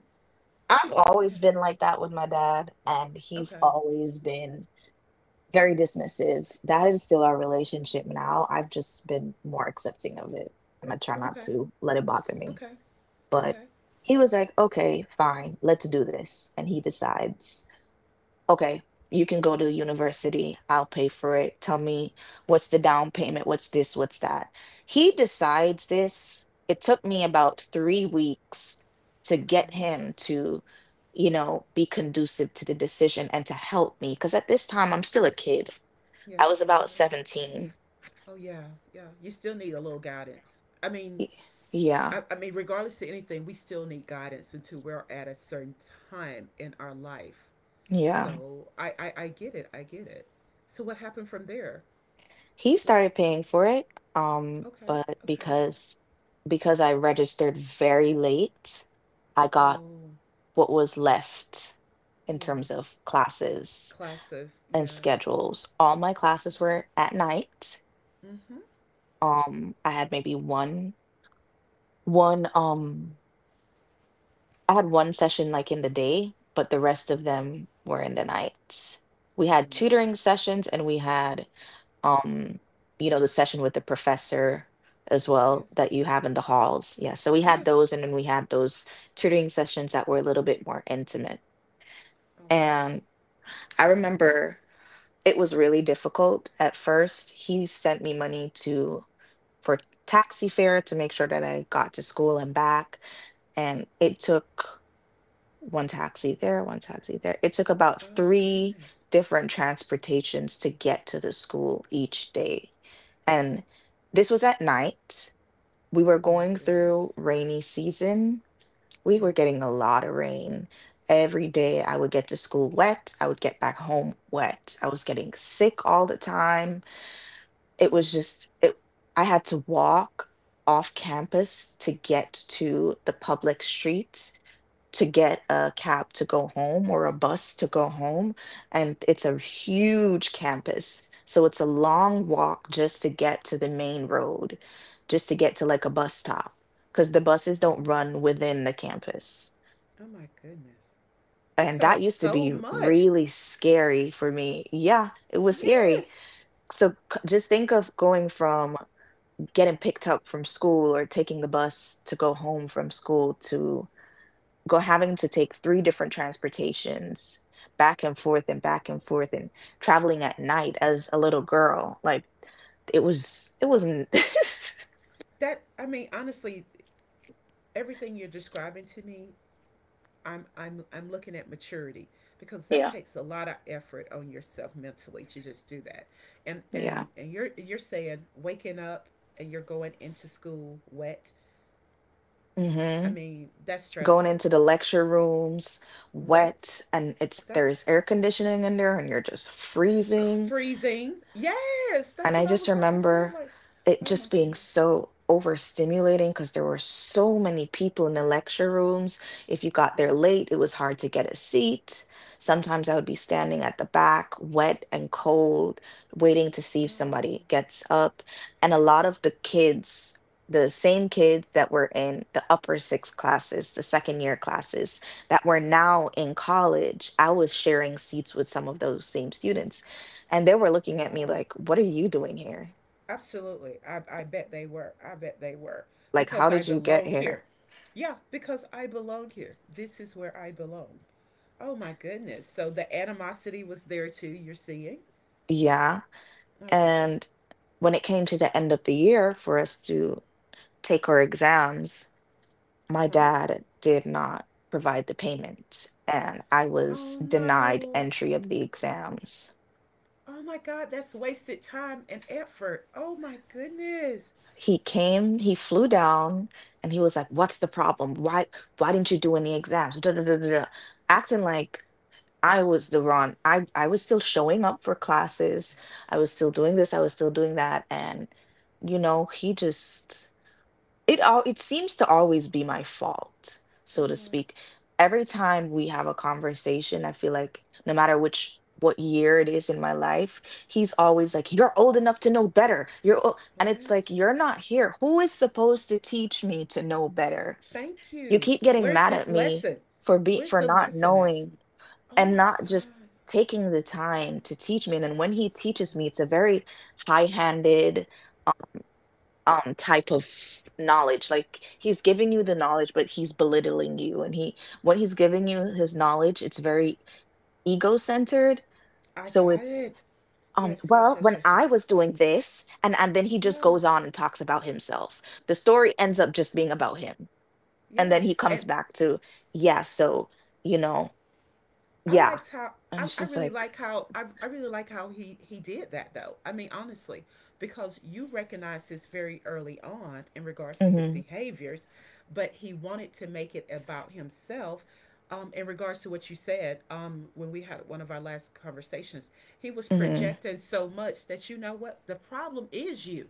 A: I've
B: Yeah.
A: always been like that with my dad, and he's
B: Okay.
A: always been very dismissive. That is still our relationship now. I've just been more accepting of it, and I try not
B: Okay.
A: to let it bother me.
B: Okay.
A: But
B: Okay.
A: he was like, okay, fine, let's do this. And he decides. Okay, you can go to university. I'll pay for it. Tell me, what's the down payment? What's this? What's that? He decides this. It took me about 3 weeks to get
B: Okay.
A: him to, you know, be conducive to the decision and to help me. Because at this time, I'm still a kid. I was
B: Yes, you
A: about
B: are.
A: 17.
B: Oh yeah. Yeah. You still need a little guidance. I mean,
A: Y- Yeah,
B: I mean, regardless to anything, we still need guidance until we're at a certain time in our life.
A: yeah.
B: So I get it. I get it. So what happened from there?
A: He
B: What,
A: started paying for it,
B: okay.
A: but
B: Okay.
A: because I registered very late, I got
B: Oh,
A: what was left in
B: yeah.
A: terms of classes
B: Classes.
A: and
B: Yeah.
A: schedules. All my classes
B: Yeah.
A: were at night.
B: Mm-hmm.
A: I had maybe one, one, um, I had one session like in the day, but the rest of them were in the night. We
B: Oh,
A: had
B: no.
A: tutoring sessions, and we had, um, you know, the session with the professor as well,
B: Yes.
A: that you have in the halls. Yeah. So we had
B: Yes.
A: those, and then we had those tutoring sessions that were a little bit more intimate.
B: Oh, wow.
A: And I remember it was really difficult at first. He sent me money to for taxi fare, to make sure that I got to school and back. And it took one taxi there, one taxi there. It took about
B: Oh,
A: three
B: goodness.
A: different transportations to get to the school each day. And this was at night. We were
B: Oh, my
A: going through
B: goodness.
A: rainy season, we were
B: Yes.
A: getting a lot of rain. Every day I would get to school wet. I would get back home wet. I was getting sick all the time. It
B: Oh,
A: was just it. I had to walk off campus to get to the public street, to get a cab to go home, or a bus to go home. And it's a huge campus. So it's a long walk just to get to the main road, just to get to like a bus stop, because the buses don't run within the campus.
B: oh my goodness. That
A: And that
B: sounds
A: used to
B: so
A: be
B: much.
A: really scary for me. Yeah, it was scary.
B: Yes.
A: So just think of going from getting picked up from school or taking the bus to go home from school, to go having to take three different transportations back and forth and back and forth, and traveling at night as a little girl. Like, it was, it wasn't.
B: That, I mean, honestly, everything you're describing to me I'm looking at maturity because that
A: Yeah,
B: takes a lot of effort on yourself mentally to just do that. And
A: yeah.
B: and and you're saying waking up and you're going into school wet. I
A: Hmm.
B: mean, that's
A: Going
B: stressful.
A: into the lecture rooms
B: Wet.
A: wet, and it's,
B: That's
A: there's air conditioning in there and you're just freezing.
B: freezing. Yes,
A: And
B: that's
A: I
B: what I
A: just
B: was about to say,
A: remember
B: like,
A: it
B: oh my
A: just being
B: goodness.
A: so overstimulating because there were so many people in the lecture rooms. If you got there
B: Yeah.
A: late, it was hard to get a seat. Sometimes I would be standing at the back, wet and cold, waiting to see if
B: No.
A: somebody gets up. And a lot of the kids, the same kids that were in the upper six classes, the second year classes, that were now in college, I was sharing seats with some of those same students, and they were looking at me
B: Wow.
A: like, what are you doing here?
B: Absolutely. I bet they were. I bet they were.
A: Like,
B: Because
A: how
B: I
A: did you get
B: belong here.
A: here?
B: Yeah, because I belong here. This is where I belong. Oh my goodness. So the animosity was there too, you're seeing?
A: Yeah.
B: Okay.
A: And when it came to the end of the year for us to take our exams,
B: Uh
A: my
B: huh.
A: dad did not provide the payment, and I was
B: Oh
A: denied
B: no.
A: entry of the exams.
B: Oh my god, that's wasted time and effort. Oh my goodness.
A: He came, he flew down, and he was like, "What's the problem? Why didn't you do any exams?" Da da da da da. Acting like I was the Ron. I was still showing up for classes. I was still doing
B: Yes.
A: this. I was still doing that. And you know, he just, it seems to always be my fault,
B: Oh
A: so to
B: yeah.
A: speak. Every time we have a conversation, I feel like no matter which what year it is in my life, he's always like, "You're old enough to know better." And it's
B: What?
A: like, "You're not here. Who is supposed to teach me to know better?
B: Thank
A: You
B: you.
A: keep getting
B: Where's
A: mad at
B: this
A: me
B: lesson? Where's
A: for
B: the
A: not
B: lesson at?
A: knowing,
B: Oh
A: and
B: my
A: not just
B: god.
A: taking the time to teach me. And then when he teaches me, it's a very high-handed um type of knowledge. Like, he's giving you
B: Yeah.
A: the knowledge, but he's belittling you. And he, when he's giving you
B: Mm.
A: his knowledge, it's very ego-centered.
B: I
A: So
B: got
A: it's,
B: it. Yes, yes,
A: well,
B: yes,
A: when
B: yes, yes.
A: I was doing this, and then he just
B: Yeah,
A: goes on and talks about himself. The story ends up just being about him. And
B: yeah.
A: then he comes
B: And
A: back to, yeah, so, you know,
B: I
A: yeah.
B: liked how
A: And
B: I,
A: it's
B: I
A: just
B: really
A: like,
B: like how I, I really like how he did that though. I mean, honestly, because you recognize this very early on in regards to his
A: mm-hmm,
B: behaviors, but he wanted to make it about himself. In regards to what you said, when we had one of our last conversations, he was
A: mm-hmm.
B: projecting so much that you know what the problem is you.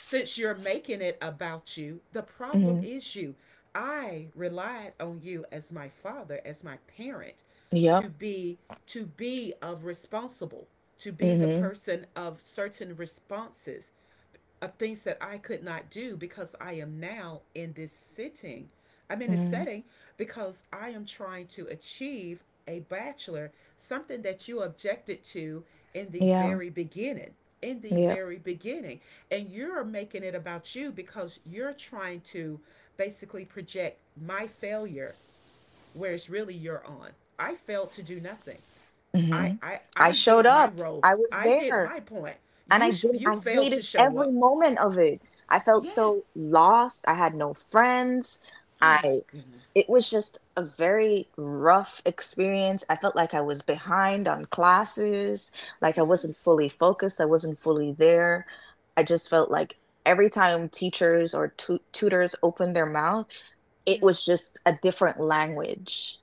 B: Since you're making it about you, the problem
A: Mhm.
B: is you. I relied on you as my father, as my parent, to
A: Yep.
B: be to be of responsible, to be the
A: Mhm.
B: person of certain responses, of things that I could not do because I am now in this sitting. I'm in this
A: Mhm.
B: setting because I am trying to achieve a bachelor, something that you objected to in the
A: Yeah.
B: very beginning. In the
A: Yep.
B: very beginning. And you're making it about you because you're trying to basically project my failure where it's really your on. I failed to do nothing. I,
A: Mhm.
B: I,
A: I
B: I
A: showed
B: did my
A: up.
B: role.
A: I was
B: I did
A: there.
B: my point.
A: And
B: You,
A: I didn't
B: you
A: I
B: failed to
A: hated
B: show
A: every
B: up.
A: moment of it. I felt
B: Yes.
A: so lost. I had no friends.
B: Oh my
A: I
B: goodness.
A: It was just a very rough experience. I felt like I was behind on classes, like I wasn't
B: Yes.
A: fully focused, I wasn't fully there. I just felt like every time teachers or tutors opened their mouth, it was
B: Yes.
A: just a different language.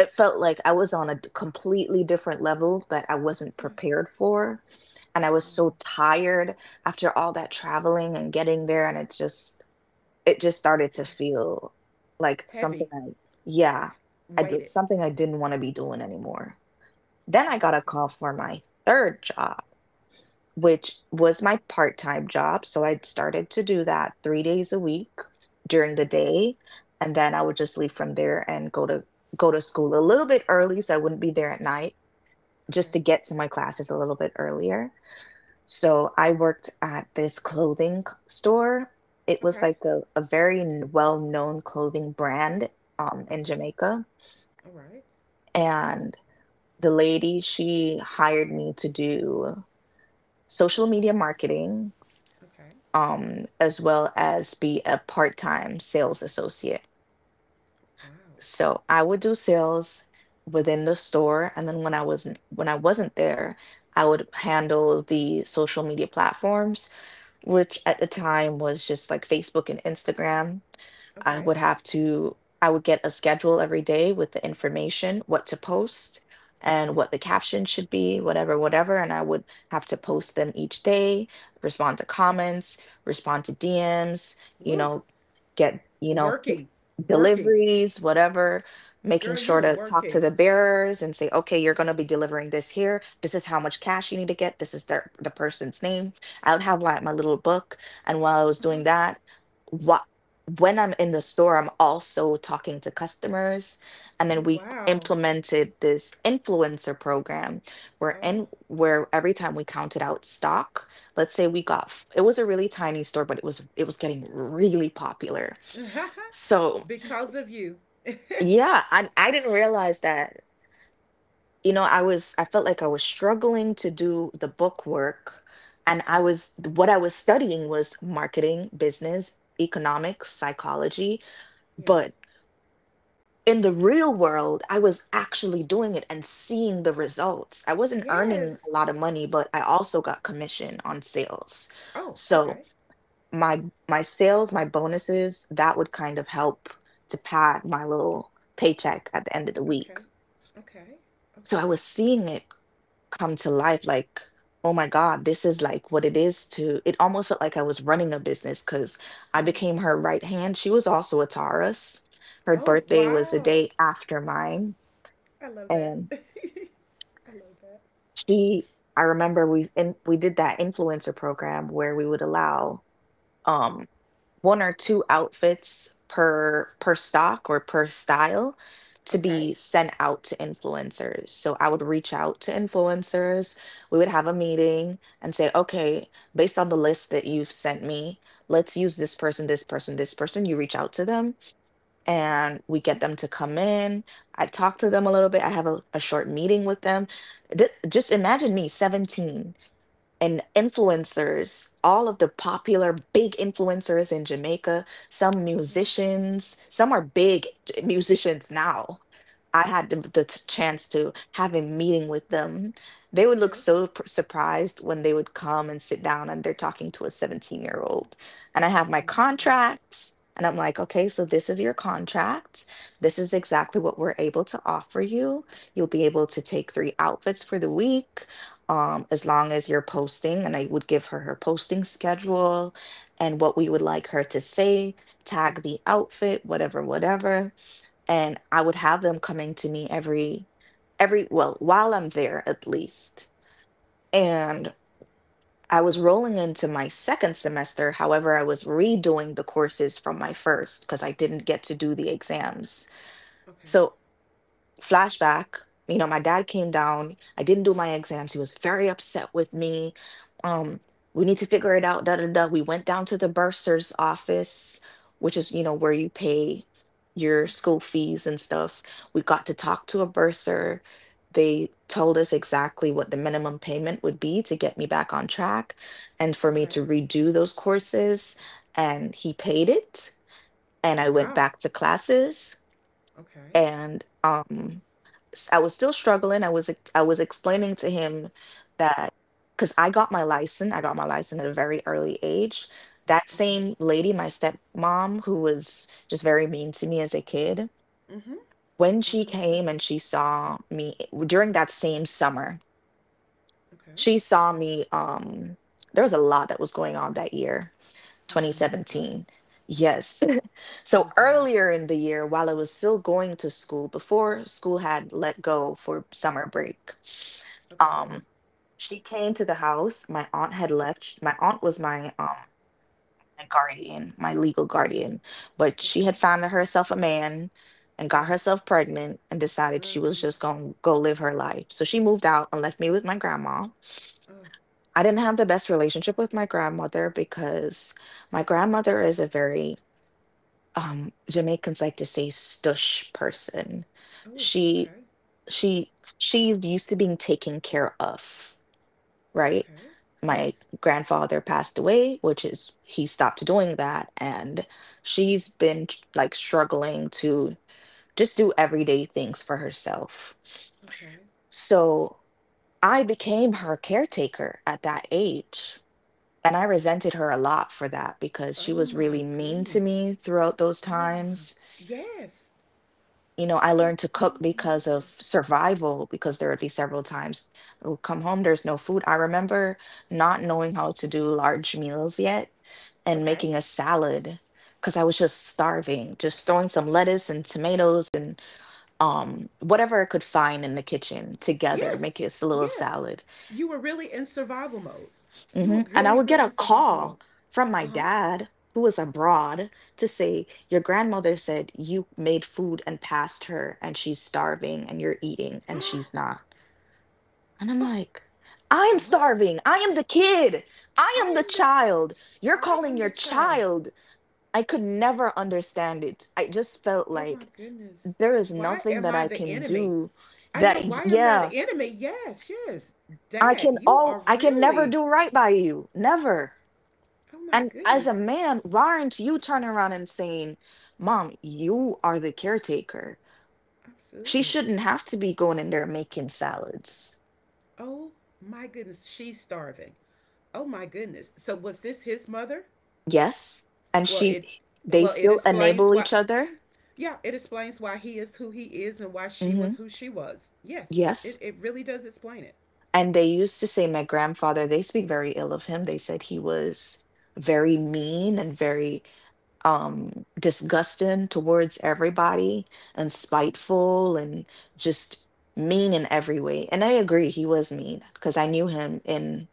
A: It felt like I was on a completely different level that I wasn't
B: Yes.
A: prepared for. And I was
B: Wow.
A: so tired after all that traveling and getting there. And it just started
B: Huh.
A: to feel like something
B: Heavy.
A: I, yeah, I, d-
B: Weighted.
A: something I didn't want to be doing anymore. Then
B: Oh
A: I got
B: my
A: a call
B: goodness.
A: for my third job, which was my part time job. So I'd started to do that three days a week during the
B: Okay.
A: day. And then I would just leave from there and go to school a little bit early so I wouldn't be there at night, just
B: Okay.
A: to get to my classes a little bit earlier. So I worked at this store. It was
B: Okay.
A: like a well-known clothing brand, in
B: Okay.
A: Jamaica.
B: All right.
A: And the lady, she hired me to do social media marketing,
B: Okay.
A: as well as be a part time sales associate.
B: Wow.
A: So I would do sales within the store, and then when I wasn't there, I would handle the social media platforms, which at the time was just like Facebook and Instagram.
B: Okay.
A: I would get a schedule every day with the information, what to post and what the caption should be, whatever, whatever. And I would have to post them each day, respond to comments, respond to DMs, you
B: Woo.
A: know, get, pick
B: Working. Working.
A: deliveries, whatever, making
B: Girl, you
A: sure
B: were
A: to talk to
B: working.
A: the bearers and say, okay, you're going to be delivering this here. This is how much cash you need to get. This is the person's name. I would have like my little book, and while I was
B: Uh huh.
A: doing that, what when I'm in the store, I'm also talking to customers. And
B: Oh
A: then we
B: wow.
A: implemented this influencer program where
B: Oh.
A: in where every time we counted out stock, let's say we got f- it was a really tiny store, but it was getting really popular. So
B: Because of you. Okay.
A: yeah, I didn't realize that. You know, I felt like I was struggling to do the book work, and I was what I was studying was marketing, business, economics, psychology.
B: Yes.
A: But in the real world I was actually doing it and seeing the results. I wasn't earning
B: Yes.
A: a lot of money, but I also got commission on sales.
B: Oh.
A: So
B: Okay.
A: my my sales, my bonuses, that would kind of help to pad my little paycheck at the end of the week.
B: Okay. Okay.
A: So I
B: Okay.
A: was seeing it come to life, like, oh my God, this is like what it is to it almost felt like I was running a business, because I
B: Yeah.
A: became her right hand. She was also a Taurus. Her
B: Oh
A: birthday was the
B: wow.
A: day after mine.
B: I love that.
A: And
B: I love that.
A: she I remember we did that influencer program where we would allow um one or two outfits per stock or per style to
B: Okay.
A: be sent out to influencers. So I would reach out to influencers. We would have a meeting and say, "Okay, based on the list that you've sent me, let's use this person, this person, this person." You reach out to them
B: Okay.
A: and we get them to come in. I talk to them a little bit. I have a short meeting with them. Just imagine me, 17, and influencers, all of the popular big influencers in Jamaica, some
B: Uh huh.
A: musicians, some are big musicians now. I had the chance to have a meeting with them. They would look
B: Yes.
A: so surprised when they would come and sit down and they're talking to a 17-year-old. And I have my
B: Wow.
A: contracts, and I'm like, okay, so this is your contract. This is exactly what we're able to offer you. You'll be able to take three outfits for the week, as long as you're posting, and I would give her her posting schedule and what we would like her to say, tag the outfit, whatever, whatever. And I would have them coming to me every, well, while I'm there at least. And I was rolling into my second semester. However, I was redoing the courses from my first because I didn't get to do the exams.
B: Okay.
A: So flashback, you know, my dad came down, I didn't do my exams, he was very upset with me. um we need to figure it out, da da da. We went down to the bursar's office, which is, you know, where you pay your
B: Okay.
A: school fees and stuff. We got to talk to a bursar. They told us exactly what the minimum payment would be to get me back on track and for me
B: Okay.
A: to redo those courses. And he paid it, and I went
B: Wow.
A: back to classes.
B: Okay.
A: And I was still struggling. I was explaining to him that because I got my license, I got my license at a very early age. That
B: Okay.
A: same lady, my stepmom, who was just very mean to me as a kid,
B: Mm hmm.
A: when
B: I
A: she
B: remember.
A: came and she saw me during that same summer,
B: Okay.
A: she saw me. There was a lot that was going on that year,
B: Oh goodness, girl.
A: 2017. Yes. So
B: Oh goodness.
A: earlier in the year, while I was still going to school, before school had let go for summer break,
B: Okay.
A: um, she came to the house. My aunt had left. My aunt was my my guardian, my legal
B: Okay.
A: guardian, but she
B: Okay.
A: had found herself a man and
B: Ah.
A: got
B: Uh.
A: herself pregnant and decided
B: Oh
A: she was just
B: goodness.
A: going to go live her life. So she moved out and left me with my grandma.
B: Oh.
A: I didn't have the best relationship with my grandmother because my grandmother is a very Jamaicans like to say stush person.
B: Oh.
A: She
B: Okay.
A: she she's used to being taken care of, right?
B: Okay.
A: My
B: Yes.
A: grandfather passed away, which is he stopped doing that, and she's been like struggling to just do everyday things for herself.
B: Okay.
A: So I became her caretaker at that age. And I resented her a lot for that because she
B: Oh
A: was
B: my
A: really mean to
B: goodness.
A: me throughout those
B: Oh my.
A: times.
B: Yes.
A: You know,
B: I
A: I
B: can
A: learned to cook
B: only
A: because
B: imagine.
A: of survival, because there would be several times I would come home, there's no food. I remember not knowing how to do large meals yet and
B: Okay.
A: making a salad because I was just starving, just throwing some lettuce and tomatoes and, whatever I could find in the kitchen together, make
B: Yes,
A: it a little
B: yes.
A: salad.
B: You were really in survival mode. You were
A: Hmm. And I
B: really,
A: would get
B: really
A: a
B: in survival mode.
A: call from
B: Uh
A: my
B: huh.
A: dad, who was abroad, to say, your grandmother said you made food and passed her, and she's starving, and you're eating, and she's not. And I'm
B: Oh.
A: like, I am
B: What?
A: starving. I am the kid. I am
B: I
A: the
B: am this.
A: child. You're
B: I
A: calling
B: am
A: your
B: the child.
A: child. I could never understand it. I just felt
B: Oh my
A: like
B: goodness.
A: there is
B: Why
A: nothing
B: am
A: that
B: I
A: I
B: the
A: can
B: enemy?
A: do
B: I
A: that,
B: know, why am I
A: yeah,
B: the enemy? Yes, yes. Dad, you are
A: I can never
B: really.
A: do right by you. Never.
B: Oh my
A: And as a
B: goodness.
A: man, why aren't you turning around and saying, Mom, you are the caretaker. She
B: Absolutely.
A: shouldn't have to be going in there making salads.
B: Oh my goodness. She's starving. Oh my goodness. So was this his mother?
A: Yes. And
B: Well,
A: she
B: it
A: they
B: well it
A: still
B: explains
A: enable
B: why.
A: each other.
B: Yeah, it explains why he is who he is and why she
A: Hmm.
B: was who she was. Yes, it,
A: Yes.
B: it really does explain it.
A: And they used to say my grandfather, they speak very ill of him. They said he was very mean and very disgusting towards everybody and
B: Okay,
A: spiteful and just mean in every way. And I agree he was mean because I knew
B: okay,
A: him and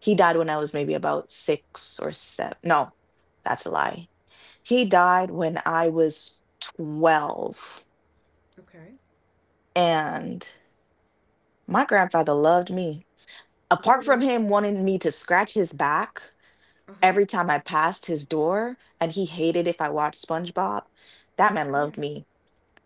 A: he died when I was maybe about 6 or 7. No, that's a lie. He died when I was 12.
B: okay.
A: And my grandfather loved me. Apart from
B: Really?
A: him wanting me to scratch his back
B: Uh huh.
A: every time I passed his door and he hated if I watched SpongeBob, that man loved
B: Yes.
A: me.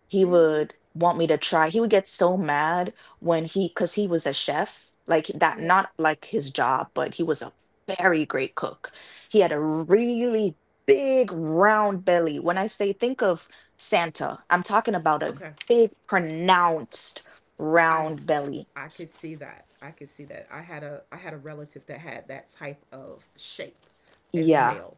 A: He
B: Really?
A: would want me to try. He would get so mad when he, because he was a chef, like that, not
B: Yes.
A: like his job, but he was a very great cook. He had a really big round belly. When I say think of Santa, I'm talking about a
B: Okay.
A: big, pronounced
B: I
A: round belly.
B: I could see that. I could see that. I had a relative that had that type of shape as a
A: Yeah.
B: male.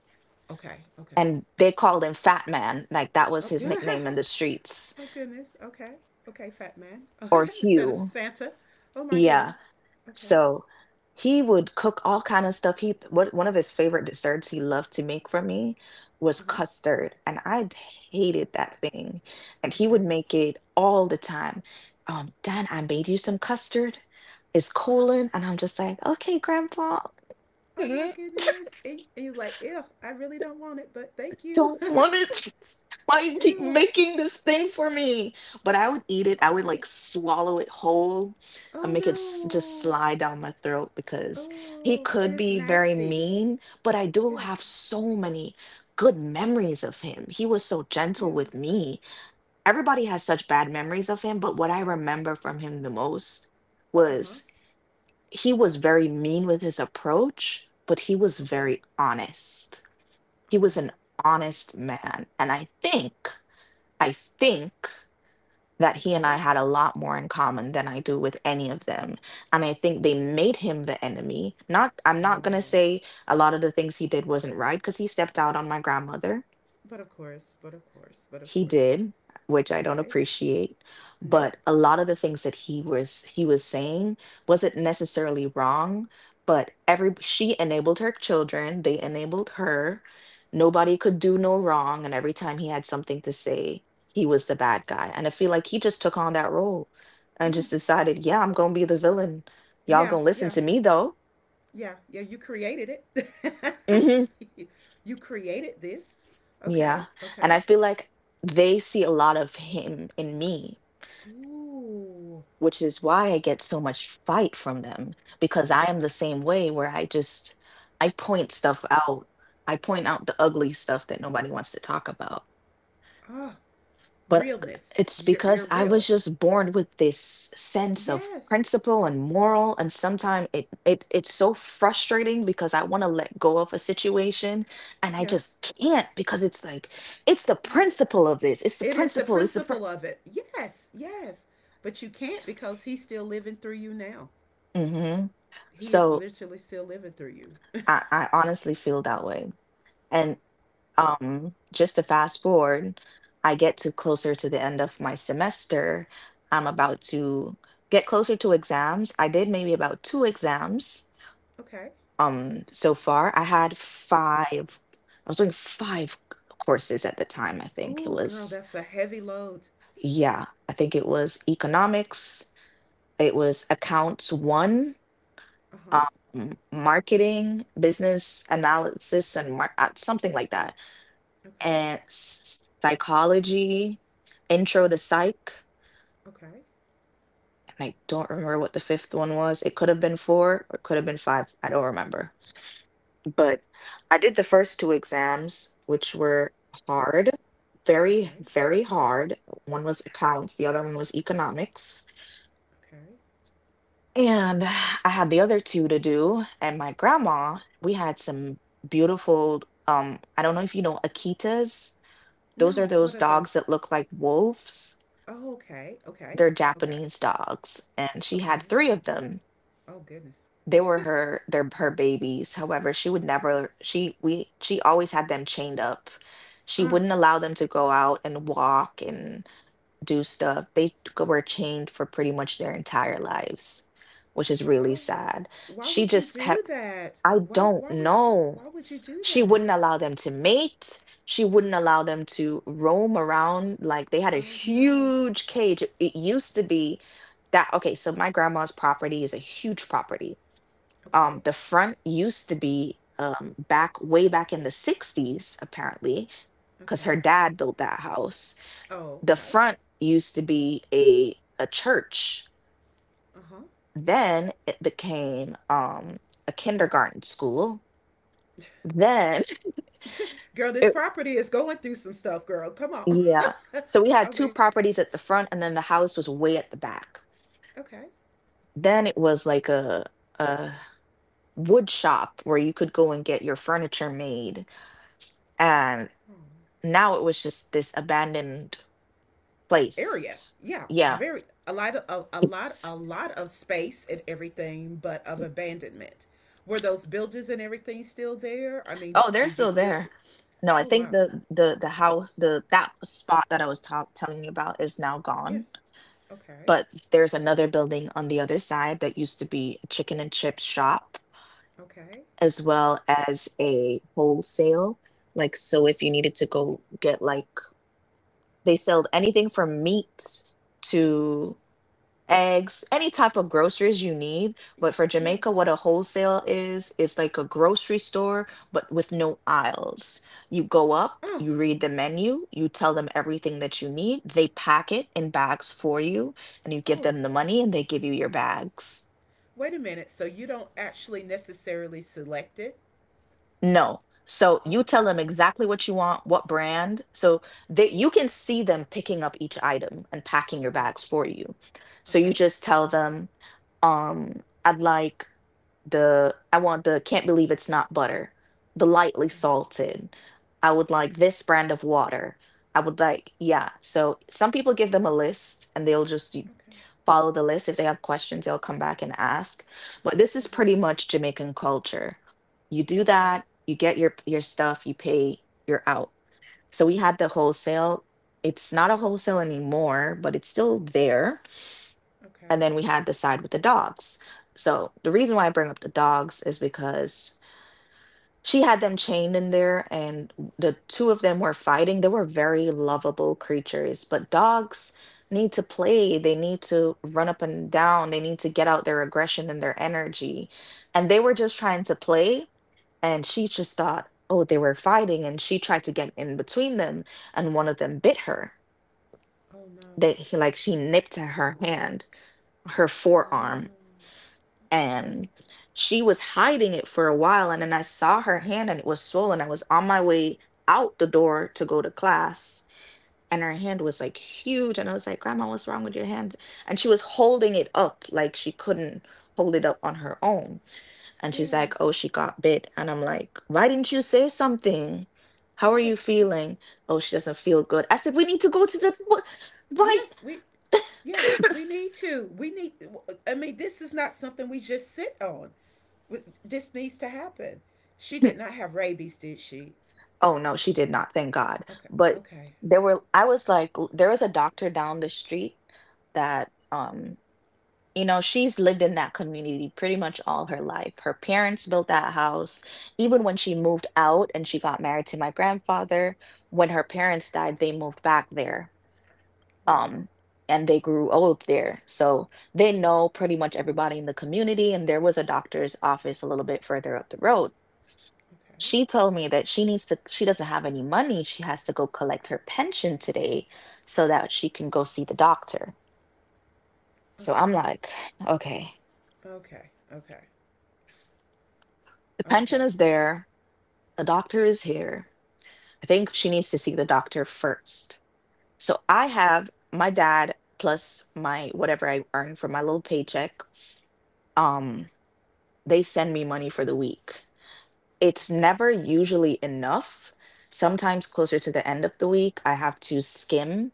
B: Okay. Okay.
A: And they called him Fat Man. Like that was
B: Oh.
A: his nickname in the streets,
B: Oh goodness. Okay. Okay, fat man.
A: or
B: Instead of
A: Hugh.
B: Santa. Oh my
A: Yeah.
B: goodness. Okay.
A: So he would cook all kind of stuff. He what One of his favorite desserts he loved to make for me was
B: Uh huh.
A: custard, and I hated that thing. And he would
B: Okay.
A: make it all the time. Dan, I made you some custard. It's
B: Uh,
A: cooling, and I'm just like, okay, Grandpa.
B: oh my goodness. And you're like, ew, I really don't want it, but thank you.
A: Don't want it. Why you keep
B: Ew,
A: making this thing for me? But I would eat it. I would
B: I,
A: like swallow it whole and
B: oh
A: make it just
B: no.
A: slide down my throat because he
B: Oh, it
A: could
B: is
A: be very
B: nasty.
A: mean, but I do have
B: Yes.
A: so many good memories of him. He was so gentle
B: Yeah.
A: with me. Everybody has such bad memories of him, but what I remember from him the most
B: Uh huh.
A: was he was very mean with his approach, but he was
B: Okay.
A: very honest. He
B: All
A: was an
B: right.
A: honest man, and I think that he and I
B: Okay.
A: had a lot more in common than I do with any of them. And I think they made him the enemy. Not I'm not going to
B: Wow.
A: say a lot of the things he did wasn't right, because he stepped out on my grandmother.
B: But of course, but of course, but of
A: He
B: course.
A: did, which I don't
B: Okay.
A: appreciate,
B: Nope.
A: but a lot of the things that he was saying wasn't necessarily wrong. But every She enabled her children, they enabled her. Nobody could do no wrong, and every time he had something to say, he was the bad guy. And I feel like he just took on that role and
B: Mm.
A: just decided, yeah, I'm gonna be the villain. Y'all
B: Yeah,
A: gonna listen
B: yeah,
A: to me though.
B: yeah, yeah. You created it.
A: Hmm.
B: You created this. Okay,
A: Yeah. And
B: okay.
A: I feel like they see a lot of him in me,
B: Ooh.
A: which is why I get so much fight from them, because I am the same way where I point stuff out. I point out the ugly stuff that nobody wants to talk about.
B: Ah,
A: But
B: realness.
A: it's
B: You're
A: because I was
B: real.
A: just born with this sense of
B: Yes.
A: principle and moral, and sometimes it it's so frustrating because I want to let go of a situation and I
B: Yes.
A: just can't, because it's like it's the
B: Yeah.
A: principle of this. It's the
B: It is the
A: principle.
B: principle of it. Yes. Yes. But you can't because he's still living through you now.
A: Hmm.
B: He is
A: So
B: literally still living through you.
A: I honestly feel that way and. Just to fast forward, I get to closer to the end of my semester. I'm about to get closer to exams. I did maybe about two exams
B: Okay.
A: so far. I had five, I was doing five courses at the time, I think. It
B: Oh, girl,
A: was,
B: that's a heavy load.
A: yeah, I think it was economics, it was accounts one,
B: Uh huh.
A: marketing, business analysis, and something like that
B: Okay.
A: and psychology, intro to psych,
B: Okay.
A: and I don't remember what the fifth one was. It could have been four or it could have been five. I don't remember. But I did the first two exams, which were hard, very,
B: Okay.
A: very hard. One was accounts, the other one was economics.
B: Okay.
A: And I had the other two to do. And my grandma, we had some beautiful, I don't know if you know Akitas. Those are
B: No, what
A: those
B: are
A: dogs
B: those?
A: that look like wolves.
B: Oh, okay. Okay.
A: They're
B: Okay.
A: Japanese dogs, and she had
B: Okay.
A: 3 of them.
B: Oh goodness.
A: They were her babies. However, she would never she we she always had them chained up. She
B: Ah,
A: wouldn't allow them to go out and walk and do stuff. They g were chained for pretty much their entire lives, which is
B: why
A: really
B: would
A: sad.
B: why
A: She
B: would you
A: just
B: do
A: kept
B: that?
A: I don't know.
B: Why would you do
A: She
B: that?
A: wouldn't allow them to mate. She wouldn't allow them to roam around. Like, they had a
B: Oh no.
A: huge cage. It used to be that. Okay, so my grandma's property is a huge property.
B: Okay.
A: The front used to be back way back in the 60s, apparently, because her
B: Okay.
A: dad built that house.
B: Oh,
A: The
B: okay.
A: front used to be a church.
B: Uh-huh.
A: Then it became a kindergarten school. Then
B: Girl, this property is going through some stuff, girl. Come on.
A: yeah. So we had
B: I
A: two
B: mean,
A: properties at the front, and then the house was way at the back.
B: okay.
A: Then it was like a wood shop where you could go and get your furniture made. And
B: Hmm.
A: now it was just this abandoned place.
B: Area. Yeah,
A: Yeah.
B: very a lot of a, a lot
A: S-
B: a lot of space and everything, but of abandonment. Were those buildings and everything still there? I mean,
A: Oh, they're
B: did you
A: still
B: still s.
A: there. No, I
B: Oh,
A: think
B: wow.
A: the that spot that I was telling you about is now gone.
B: Yes. Okay.
A: But there's another building on the other side that used to be a chicken and chip shop
B: Okay.
A: as well as a wholesale. Like, so if you needed to go get like, they sold anything from meats
B: Uh,
A: to eggs, any type of groceries you need.
B: y-
A: But for Jamaica,
B: yes.
A: what a wholesale is, it's like a grocery store, but with no aisles. You go up,
B: Oh,
A: you read the menu, you tell them everything that you need. They pack it in bags for you, and you give
B: oh,
A: them the money and they give you your bags.
B: wait a minute. So you don't actually necessarily select it?
A: No. So you
B: Oh,
A: tell them exactly what you want, what brand. So that you can see them picking up each item and packing your
B: okay.
A: bags for you. So you
B: Okay.
A: just tell them, I'd like I want the can't believe it's not butter, the lightly
B: Oh,
A: salted. I would like this brand of water. I would like, yeah. So some people give them a list and they'll just
B: okay.
A: follow the list. If they have questions, they'll come back and ask. But this
B: Uh
A: is
B: huh.
A: pretty much Jamaican culture. You do
B: Okay.
A: that, you get your stuff, you pay, you're out. So we had the wholesale. It's not a wholesale anymore, but it's still there.
B: Okay.
A: And then we had the side with the dogs. So the reason why I bring up the dogs is because she had them chained in there, and w the 2 of them were fighting. They were very lovable creatures, but dogs need to play. They need to run up and down. They need to get out their aggression and their energy. And they were just trying to play, and she just thought, oh, they were fighting, and she tried to get in between them, and one of them bit her.
B: Oh no.
A: They he like she nipped at her hand, her forearm,
B: No.
A: and she was hiding it for a while, and then I saw her hand and it was swollen. I was on my way out the door to go to class, and her hand was like huge, and I was like, grandma, what's wrong with your hand? And she was holding it up like she couldn't hold it up on her own. And she's like, oh,
B: Yes.
A: she got bit. And I'm like, why didn't you say something? How are you
B: Yes. Yes.
A: feeling? Oh, she doesn't feel good. I said, we need to go to the why.
B: Yes. We. Yes. We need to. We need. I mean, this is not something we just sit on. We- this needs to happen. She did not have rabies, did she?
A: Oh no, she did not, thank God.
B: Okay.
A: But
B: Okay.
A: there were I was like there was a doctor down the street that you know, she's lived in that community pretty much all her life. Her parents built that house. Even when she moved out and she got married to my grandfather, when her parents died, they moved back there. Um,
B: Mm.
A: and they grew old there. So they know pretty much everybody in the community. And there was a doctor's office a little bit further up the road.
B: Okay.
A: She told me that she doesn't have any money. She has to go collect her pension today so that she can go see the doctor.
B: Uh,
A: So I'm like, okay,
B: okay. Okay.
A: the pension
B: Okay.
A: is there, the doctor is here. I think she needs to see the doctor first. So I have my dad plus my whatever I earn from my little paycheck. Um, they send me money for the week. It's never usually enough. Sometimes closer to the end of the week, I have to skim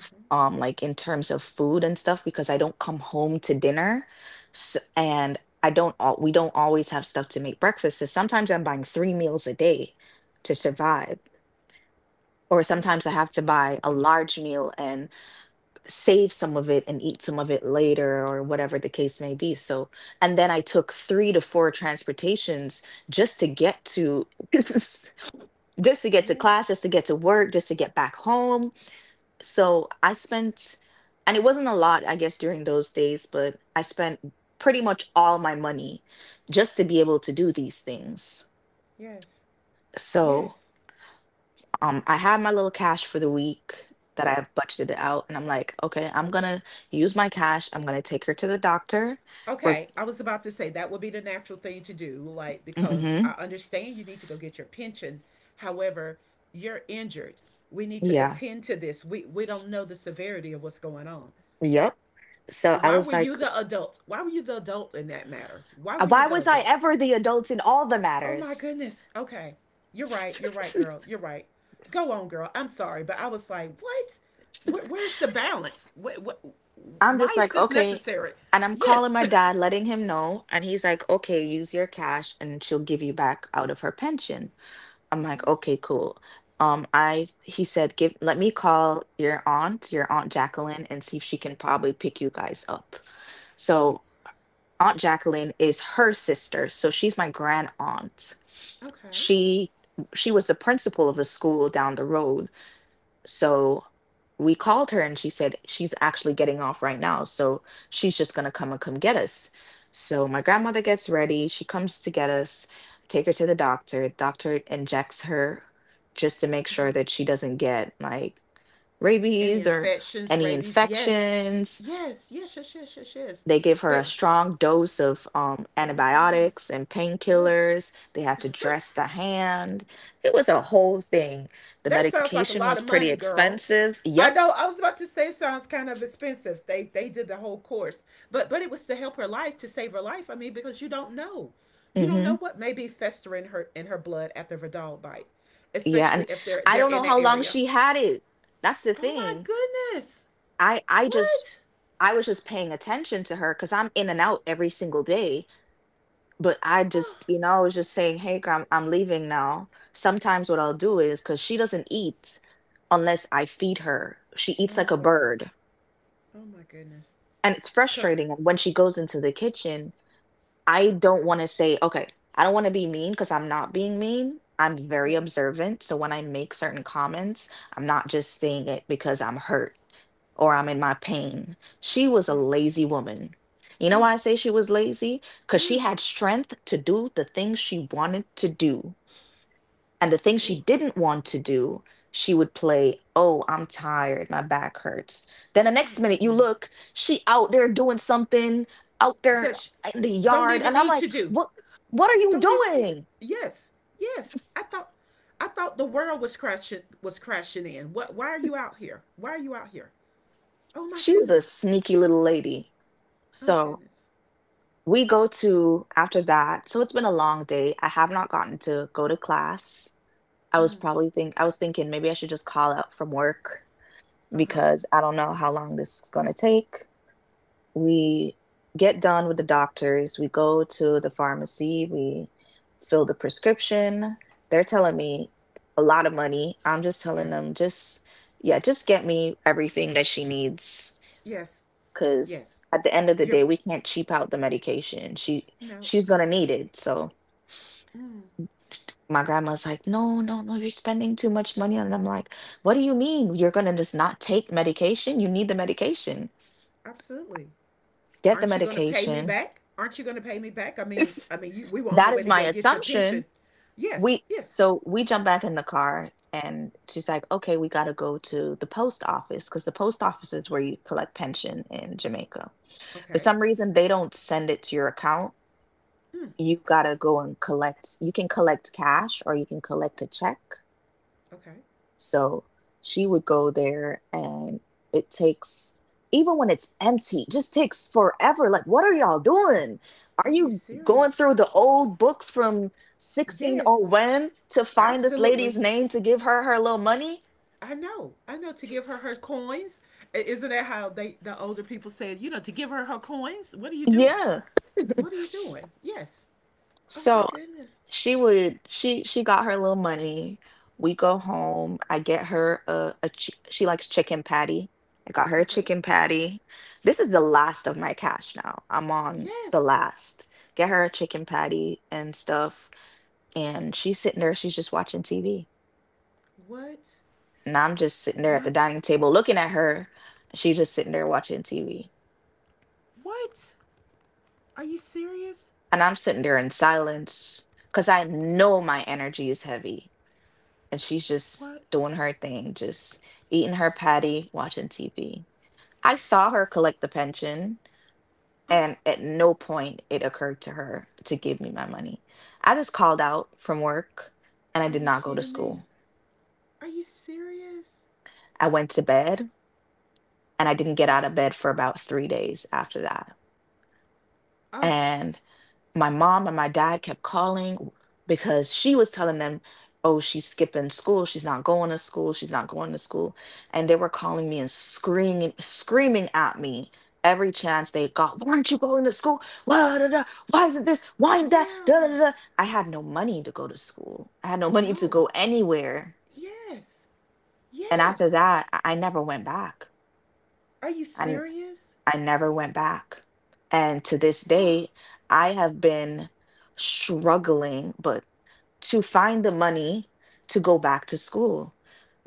B: Uh-huh.
A: like in terms of food and stuff, because I don't come home to dinner S and I don't all we don't always have stuff to make breakfast, so sometimes I'm buying three meals a day to survive, or sometimes I
B: Yes.
A: have to buy a large meal and save some of it and eat some of it later, or whatever the case may be. So and then I took three to four transportations just to get to just to get to
B: Yes.
A: class, just to get to work, just to get back home. So I spent, and it wasn't a lot, I guess, during those days, but I spent pretty much all my money just to be able to do these things.
B: Yes.
A: So
B: Yes.
A: I had my little cash for the week that I budgeted out, and I'm like, okay, I'm gonna use my cash. I'm gonna take her to the doctor. We're,
B: Okay, I was about to say that would be the natural thing to do, like because I
A: mm-hmm,
B: understand you need to go get your pension. However, you're injured. We need to
A: yeah,
B: attend to this. We don't know the severity of what's going on.
A: yep. So I
B: Why were
A: was
B: you
A: like,
B: the adult? Why were you the adult in that matter? Why were you
A: why
B: the
A: was I
B: adult?
A: ever the adult in all the
B: Oh my
A: matters?
B: goodness. Okay. You're right. You're right, girl. You're right. Go on, girl. I'm sorry, but I was like, what? Where's the balance? Wh- wh-
A: I'm
B: why
A: just
B: is
A: like,
B: this
A: okay.
B: necessary?
A: And I'm calling
B: Yes.
A: my dad, letting him know. And he's like, okay, use your cash and she'll give you back out of her pension. I'm like,
B: Okay.
A: okay, cool. I he said, give let me call your aunt Jacqueline, and see if she can probably pick you guys up. So Aunt Jacqueline is her sister, so she's my grand aunt.
B: Okay.
A: She she was the principal of a school down the road, so we called her and she said she's actually getting off right now. So she's just going to come get us. So my
B: Okay.
A: grandmother gets ready. She comes to get us, take her to the doctor. Doctor injects her just to make
B: Uh
A: sure
B: huh.
A: that she doesn't get like
B: Any
A: rabies or
B: infections,
A: any
B: rabies? Yes.
A: infections.
B: Yes. Yes. Yes. Yes. Yes. Yes.
A: They give her a
B: But
A: strong dose of
B: oh my goodness.
A: antibiotics and
B: Oh,
A: painkillers. They had to dress the hand. It was a whole thing. The
B: that sounds like a
A: medication
B: lot
A: was
B: of
A: pretty
B: money, girl.
A: expensive.
B: I
A: Yep.
B: know. I was about to say it sounds kind of expensive. They did the whole course, but it was to help her life, to save her life. I mean, because you don't
A: Mm-hmm.
B: know what may be festering her in her blood after Vidal bite,
A: Yeah,
B: especially
A: and
B: if they're
A: I
B: they're
A: don't
B: in
A: know
B: that
A: how long
B: area.
A: she had it. That's the
B: Oh my
A: thing.
B: goodness!
A: I just
B: What?
A: I was just paying attention to her because I'm in and out every single day. But I
B: Oh,
A: just, you know, I was just saying, "Hey, girl, I'm leaving now." Sometimes what I'll do is because she doesn't eat unless I feed her. She eats like
B: oh
A: a
B: wow!
A: bird,
B: Oh my goodness!
A: and it's
B: Come.
A: frustrating. When she goes into the kitchen, I don't want to say, okay, I don't want to be mean because I'm not being mean. I'm very
B: Yes.
A: observant. So when I make certain comments, I'm not just saying it because I'm hurt or I'm in my pain. She was a
B: Yes.
A: lazy woman. You know
B: Mm.
A: why I say she was lazy? Because she
B: Mm.
A: had strength to do the things she wanted to do, and the things she
B: Ooh.
A: didn't want to do, she would play, "Oh, I'm tired. My back hurts." Then the
B: Oh
A: next
B: my
A: minute you
B: goodness.
A: look, she out there doing something out there
B: That sh-
A: in the
B: don't
A: yard.
B: even
A: And I'm
B: need
A: like,
B: to do.
A: What are you
B: Don't even need to.
A: doing?
B: Yes. Yes. I thought. I thought the world was crashing in. What? Why are you out here? Why are you out here? Oh my
A: She was a
B: goodness.
A: sneaky little lady.
B: Oh
A: So
B: goodness.
A: we go to after that. So it's been a long day. I have not gotten to go to class. I was
B: Mm.
A: probably think I was thinking maybe I should just call out from work
B: Uh huh.
A: because I don't know how long this is gonna take. We get done with the doctors, we go to the pharmacy, we fill the prescription. They're telling me a lot of money. I'm just telling
B: Yeah.
A: them, just, yeah, just get me everything that she needs.
B: Yes.
A: Because
B: Yes.
A: at the end of the
B: You're
A: day, we can't cheap out the medication. She
B: no.
A: she's gonna need it. So
B: Mm.
A: my grandma's like, "No, no, no, you're spending too much money on it." I'm like, "What do you mean? You're gonna just not take medication? You need the medication.
B: Absolutely.
A: Get the
B: Aren't you going to pay me
A: medication."
B: back? Aren't you going to pay me back? I mean, I mean, you, we were on the
A: That
B: way
A: is
B: to
A: my
B: go get your
A: assumption.
B: pension. Yes.
A: we
B: Yes.
A: so we jump back in the car and she's like, "Okay, we got to go to the post office," because the post office is where you collect pension in Jamaica. For
B: Okay.
A: some reason they don't send it to your account.
B: Mm,
A: You got to go and collect. You can collect cash or you can collect a check.
B: okay.
A: So she would go there, and it takes, even when it's empty, just takes forever. Like, what are y'all doing? Are
B: Are you
A: you going
B: serious?
A: through the old books from
B: Yes,
A: 1601 to find this lady's
B: absolutely.
A: name to give her her little money?
B: I know. I know to give her her coins. I- isn't that how they the older people said, you know, to give her her coins? What are you doing?
A: Yeah.
B: What are you doing? Yes. Oh my
A: So
B: goodness.
A: she she got her little money. We go home. I get her a, a she likes chicken patty. I got her a
B: Okay.
A: chicken patty. This is the last of my cash now. I'm on the
B: Yes.
A: last. Get her a chicken patty and stuff. And she's sitting there, she's just watching TV.
B: What?
A: And I'm just sitting there at the
B: What?
A: dining table looking at her. She's just sitting there watching TV.
B: What? Are you serious?
A: And I'm sitting there in silence because I know my energy is heavy. And she's just
B: What?
A: doing her thing, just eating her patty, watching TV. I saw her collect the pension,
B: Oh,
A: and at no point it occurred to her to give me my money. I just called out from work and I
B: are
A: did
B: you
A: not go to
B: kidding me?
A: school.
B: Are you serious?
A: I went to bed and I didn't get
B: Oh,
A: out of bed for about 3 days after that.
B: oh,
A: And my mom and my dad kept calling because she was telling them, "Oh, she's skipping school. She's not going to school. She's not going to school." And they were calling me and screaming, screaming at me every chance they got. "Why aren't you going to school? Why, da, da, why isn't this? Why ain't that? Da, da,
B: yeah.
A: da, da." I had no money to go to school. I had no money to
B: No.
A: go anywhere.
B: Yes.
A: And after
B: Yes.
A: that, I never went back.
B: Are you
A: And
B: serious?
A: I never went back. And to this
B: Oh,
A: day, I have been struggling, but to find the money to go back to school,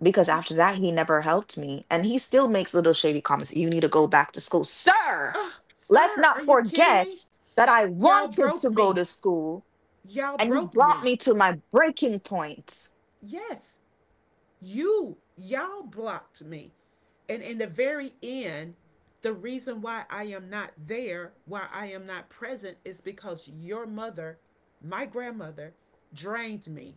A: because
B: oh,
A: after that he never helped me and he still makes little shady comments. You need to go back to school, sir.
B: oh,
A: Let's
B: sir, are
A: not
B: you kidding
A: forget
B: me?
A: that I
B: Y'all
A: wanted
B: broke
A: to go
B: me.
A: to school
B: Y'all
A: and you
B: broke
A: brought
B: me.
A: me to my breaking point.
B: Yes, you, y'all blocked me. And in the very end, the reason why I am not there, why I am not present, is because your mother, my grandmother, drained me,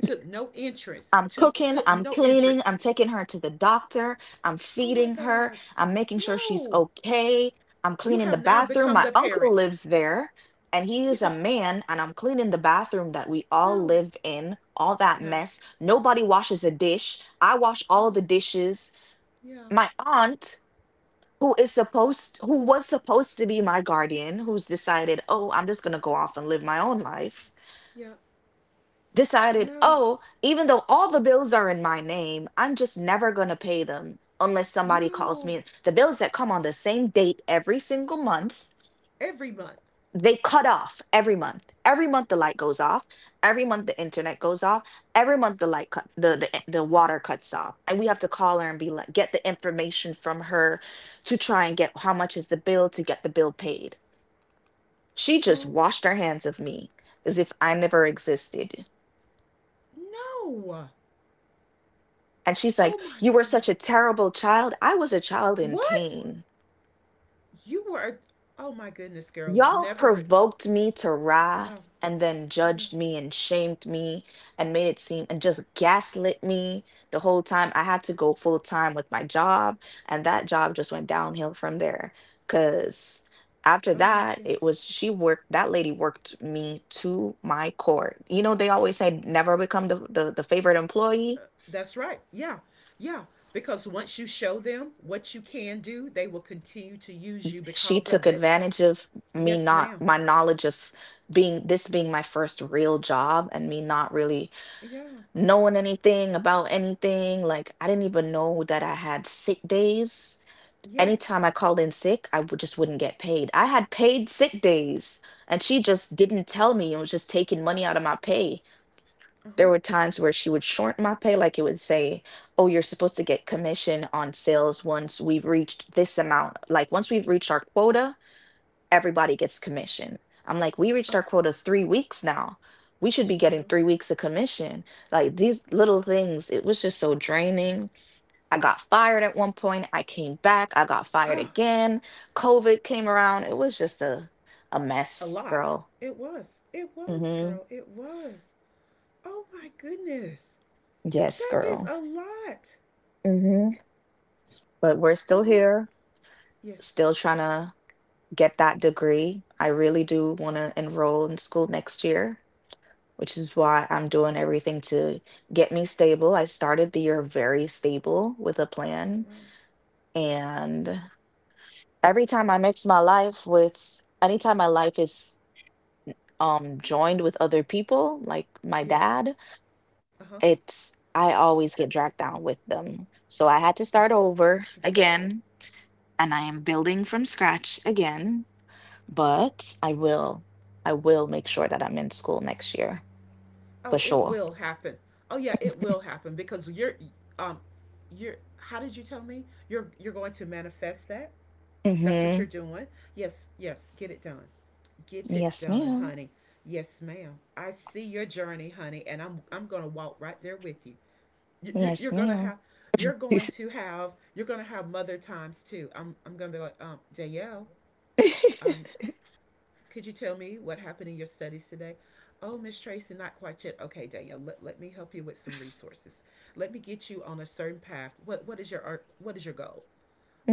B: took no interest,
A: I'm
B: to
A: cooking,
B: took
A: I'm
B: no
A: cleaning, I'm
B: interest.
A: taking her to the doctor, I'm
B: Oh my
A: feeding her,
B: God.
A: I'm making sure she's
B: No.
A: okay, I'm
B: You
A: cleaning the
B: have now
A: bathroom.
B: become
A: My
B: the
A: uncle
B: parent.
A: lives there and he
B: You,
A: is a man, and I'm cleaning the bathroom that we all
B: no,
A: live in, all that
B: no.
A: mess. Nobody washes a dish. I wash
B: Uh,
A: all the dishes.
B: yeah.
A: My aunt, who was supposed to be my guardian, who's decided,
B: Uh,
A: "Oh, I'm just going to go off and live my own life,"
B: yeah.
A: decided,
B: No.
A: oh, even though all the bills are in my name, I'm just never going to pay them unless somebody calls
B: No.
A: me. The bills that come on the same date every single month,
B: Every month.
A: they cut off every month. Every month the light goes off. Every month the internet goes off. Every month the light cut the, eh, the water cuts off. And we have to call her and be like, get the information from her to try and get how much is the bill, to get the bill paid. She just
B: Oh,
A: washed her hands of me as if I never existed.
B: no.
A: And she's
B: Oh,
A: like,
B: my
A: "You were such a
B: goodness.
A: terrible child." I was a child in
B: What?
A: pain.
B: You were. A, oh, my goodness, girl.
A: Y'all
B: Never. Re-
A: provoked me to wrath
B: no.
A: and then
B: Yeah.
A: judged me and shamed me and made it seem and just gaslit me the whole time. I had to go full time with my job. And that job just went downhill from there. Cause after
B: Oh, my
A: that, it
B: goodness.
A: was she worked, that lady worked me to my core. You know, they always say never become the favorite
B: Uh,
A: employee.
B: that's right. Yeah. Yeah. Because once you show them what you can do, they will continue to use you
A: She
B: because
A: took
B: of it.
A: advantage of me
B: Yes,
A: not
B: ma'am.
A: my knowledge of being this being my first real job and me not really
B: Yeah.
A: knowing anything about anything. Like, I didn't even know that I had sick days.
B: Yes.
A: Anytime I called in sick I would just wouldn't get paid. I had paid sick days and she just didn't tell me and was just taking money out of my pay.
B: Uh huh.
A: There were times where she would short my pay. Like it would say, oh, you're supposed to get commission on sales once we've reached this amount, like once we've reached our quota everybody gets commission. I'm like, we
B: Uh
A: reached our quota 3 weeks now. We should be getting
B: huh.
A: 3 weeks of commission. Like these little things, it was just so draining. I got fired at one point. I came back. I got fired
B: Ah,
A: again. COVID came around. It was just a
B: a
A: mess,
B: lot.
A: girl.
B: It was. It was,
A: Mm-hmm.
B: girl. It was. Oh my goodness.
A: Yes,
B: That is
A: girl.
B: a lot.
A: Mm-hmm. But we're still
B: Oh,
A: here,
B: yes.
A: still trying to get that degree. I really do want to enroll in school next year, which is why I'm doing everything to get me stable. I started the year very stable with a
B: All
A: plan.
B: right.
A: And every time I mix my life with, anytime my life is joined with other people, like my
B: Yes.
A: dad,
B: Uh-huh.
A: it's, I always get dragged down with them. So I had to start over again. And I am building from scratch again, but I will make sure that I'm in school next year for
B: Oh, it
A: sure.
B: will happen. Oh yeah, it will happen because um you're how did you tell me? You're going to manifest that? That's what
A: Mm-hmm.
B: you're doing? Yes, yes. Get it done. Get it
A: Yes,
B: done,
A: ma'am.
B: honey. Yes, ma'am. I see your journey, honey, and I'm going to walk right there with you. You
A: Yes,
B: you're going to
A: ma'am.
B: have you're going to have you're going to have mother times too. I'm going to be like, Dayelle, um, could you tell me what happened in your studies today? Oh, Miss Tracy, not quite yet. Okay, Danielle, let me help you with some resources. Let me get you on a certain path. What is your art? What is your goal?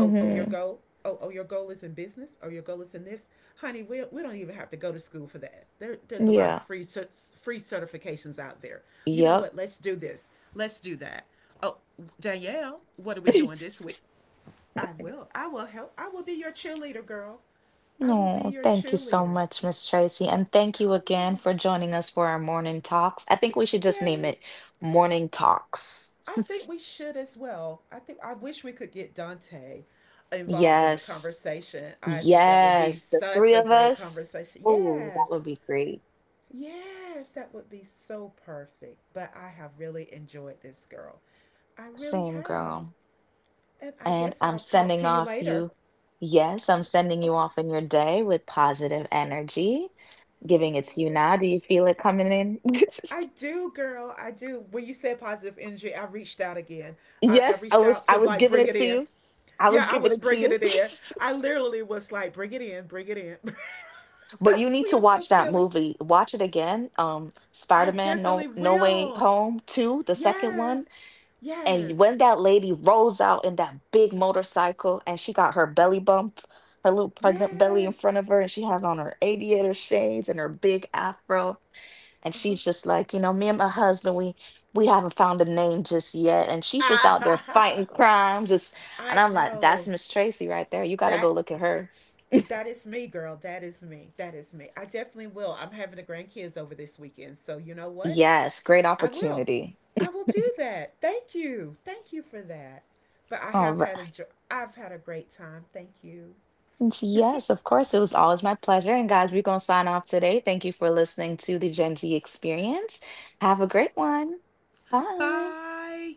B: Oh oh your goal. Oh oh your goal is in business. Oh your goal is in this. Honey, we don't even have to go to school for that. There there's a lot of
A: Yeah.
B: free free certifications out there. You know
A: Yep.
B: what? Let's do this. Let's do that. Oh Danielle, what are we doing this week? I will. I will help. I will be your cheerleader, girl. I will be
A: No,
B: your
A: thank you so
B: cheerleader.
A: much, Miss Tracy, and thank you
B: Come
A: again
B: on.
A: for joining us for our morning talks. I think we should just name
B: Yay.
A: it Morning Talks.
B: I think we should as well. I think I wish we could get Dante involved in a
A: Yes.
B: conversation. I think that would be
A: Yes, the
B: such
A: three
B: a
A: of
B: great
A: us.
B: conversation.
A: Oh, that
B: Yes.
A: would be great.
B: Yes, that would be so perfect. But I have really enjoyed this girl. I really
A: Same
B: have.
A: girl.
B: And I
A: And
B: guess
A: I'm
B: I'll talk
A: sending
B: to you
A: off
B: later.
A: you. Yes, I'm sending you
B: Okay.
A: off in your day with positive energy. Giving it to you
B: Yes.
A: now. Do you feel it coming in?
B: I do, girl. I do. When you said positive energy, I reached out again. I
A: Yes, I
B: reached
A: was
B: out
A: I
B: to
A: was
B: like
A: giving
B: bring
A: it
B: it
A: to
B: in.
A: you. I
B: Yeah,
A: was
B: I
A: giving
B: was
A: it to
B: bringing
A: you.
B: it in. I literally was like, bring it in, bring it in.
A: But you need
B: We
A: to
B: are so
A: watch that
B: silly.
A: movie. Watch it again.
B: I
A: Spider-Man No
B: definitely
A: No Way
B: will.
A: Home 2, the second one.
B: Yes.
A: And
B: Yes.
A: when that lady rolls out in that big motorcycle and she got her belly bump, her little pregnant belly in
B: Yes.
A: front of her, and she has on her aviator shades and her big afro. And
B: Uh-huh.
A: she's just like, you know, me and my husband, we haven't found a name just yet. And she's just out there fighting crime, just
B: I
A: and I'm like, that's
B: know.
A: Miss Tracy right there. You gotta go
B: That
A: look at her.
B: that is me, girl. That is me. That is me. I definitely will. I'm having the grandkids over this weekend. So, you know what?
A: Yes, great
B: I will.
A: opportunity.
B: I will do that. Thank you. Thank you for that. But I
A: All right.
B: have had a great time. Thank you.
A: Yes, of course. It was always my pleasure. And guys, we're gonna sign off today. Thank you for listening to the Gen Z experience. Have a great one. Bye.
B: Bye.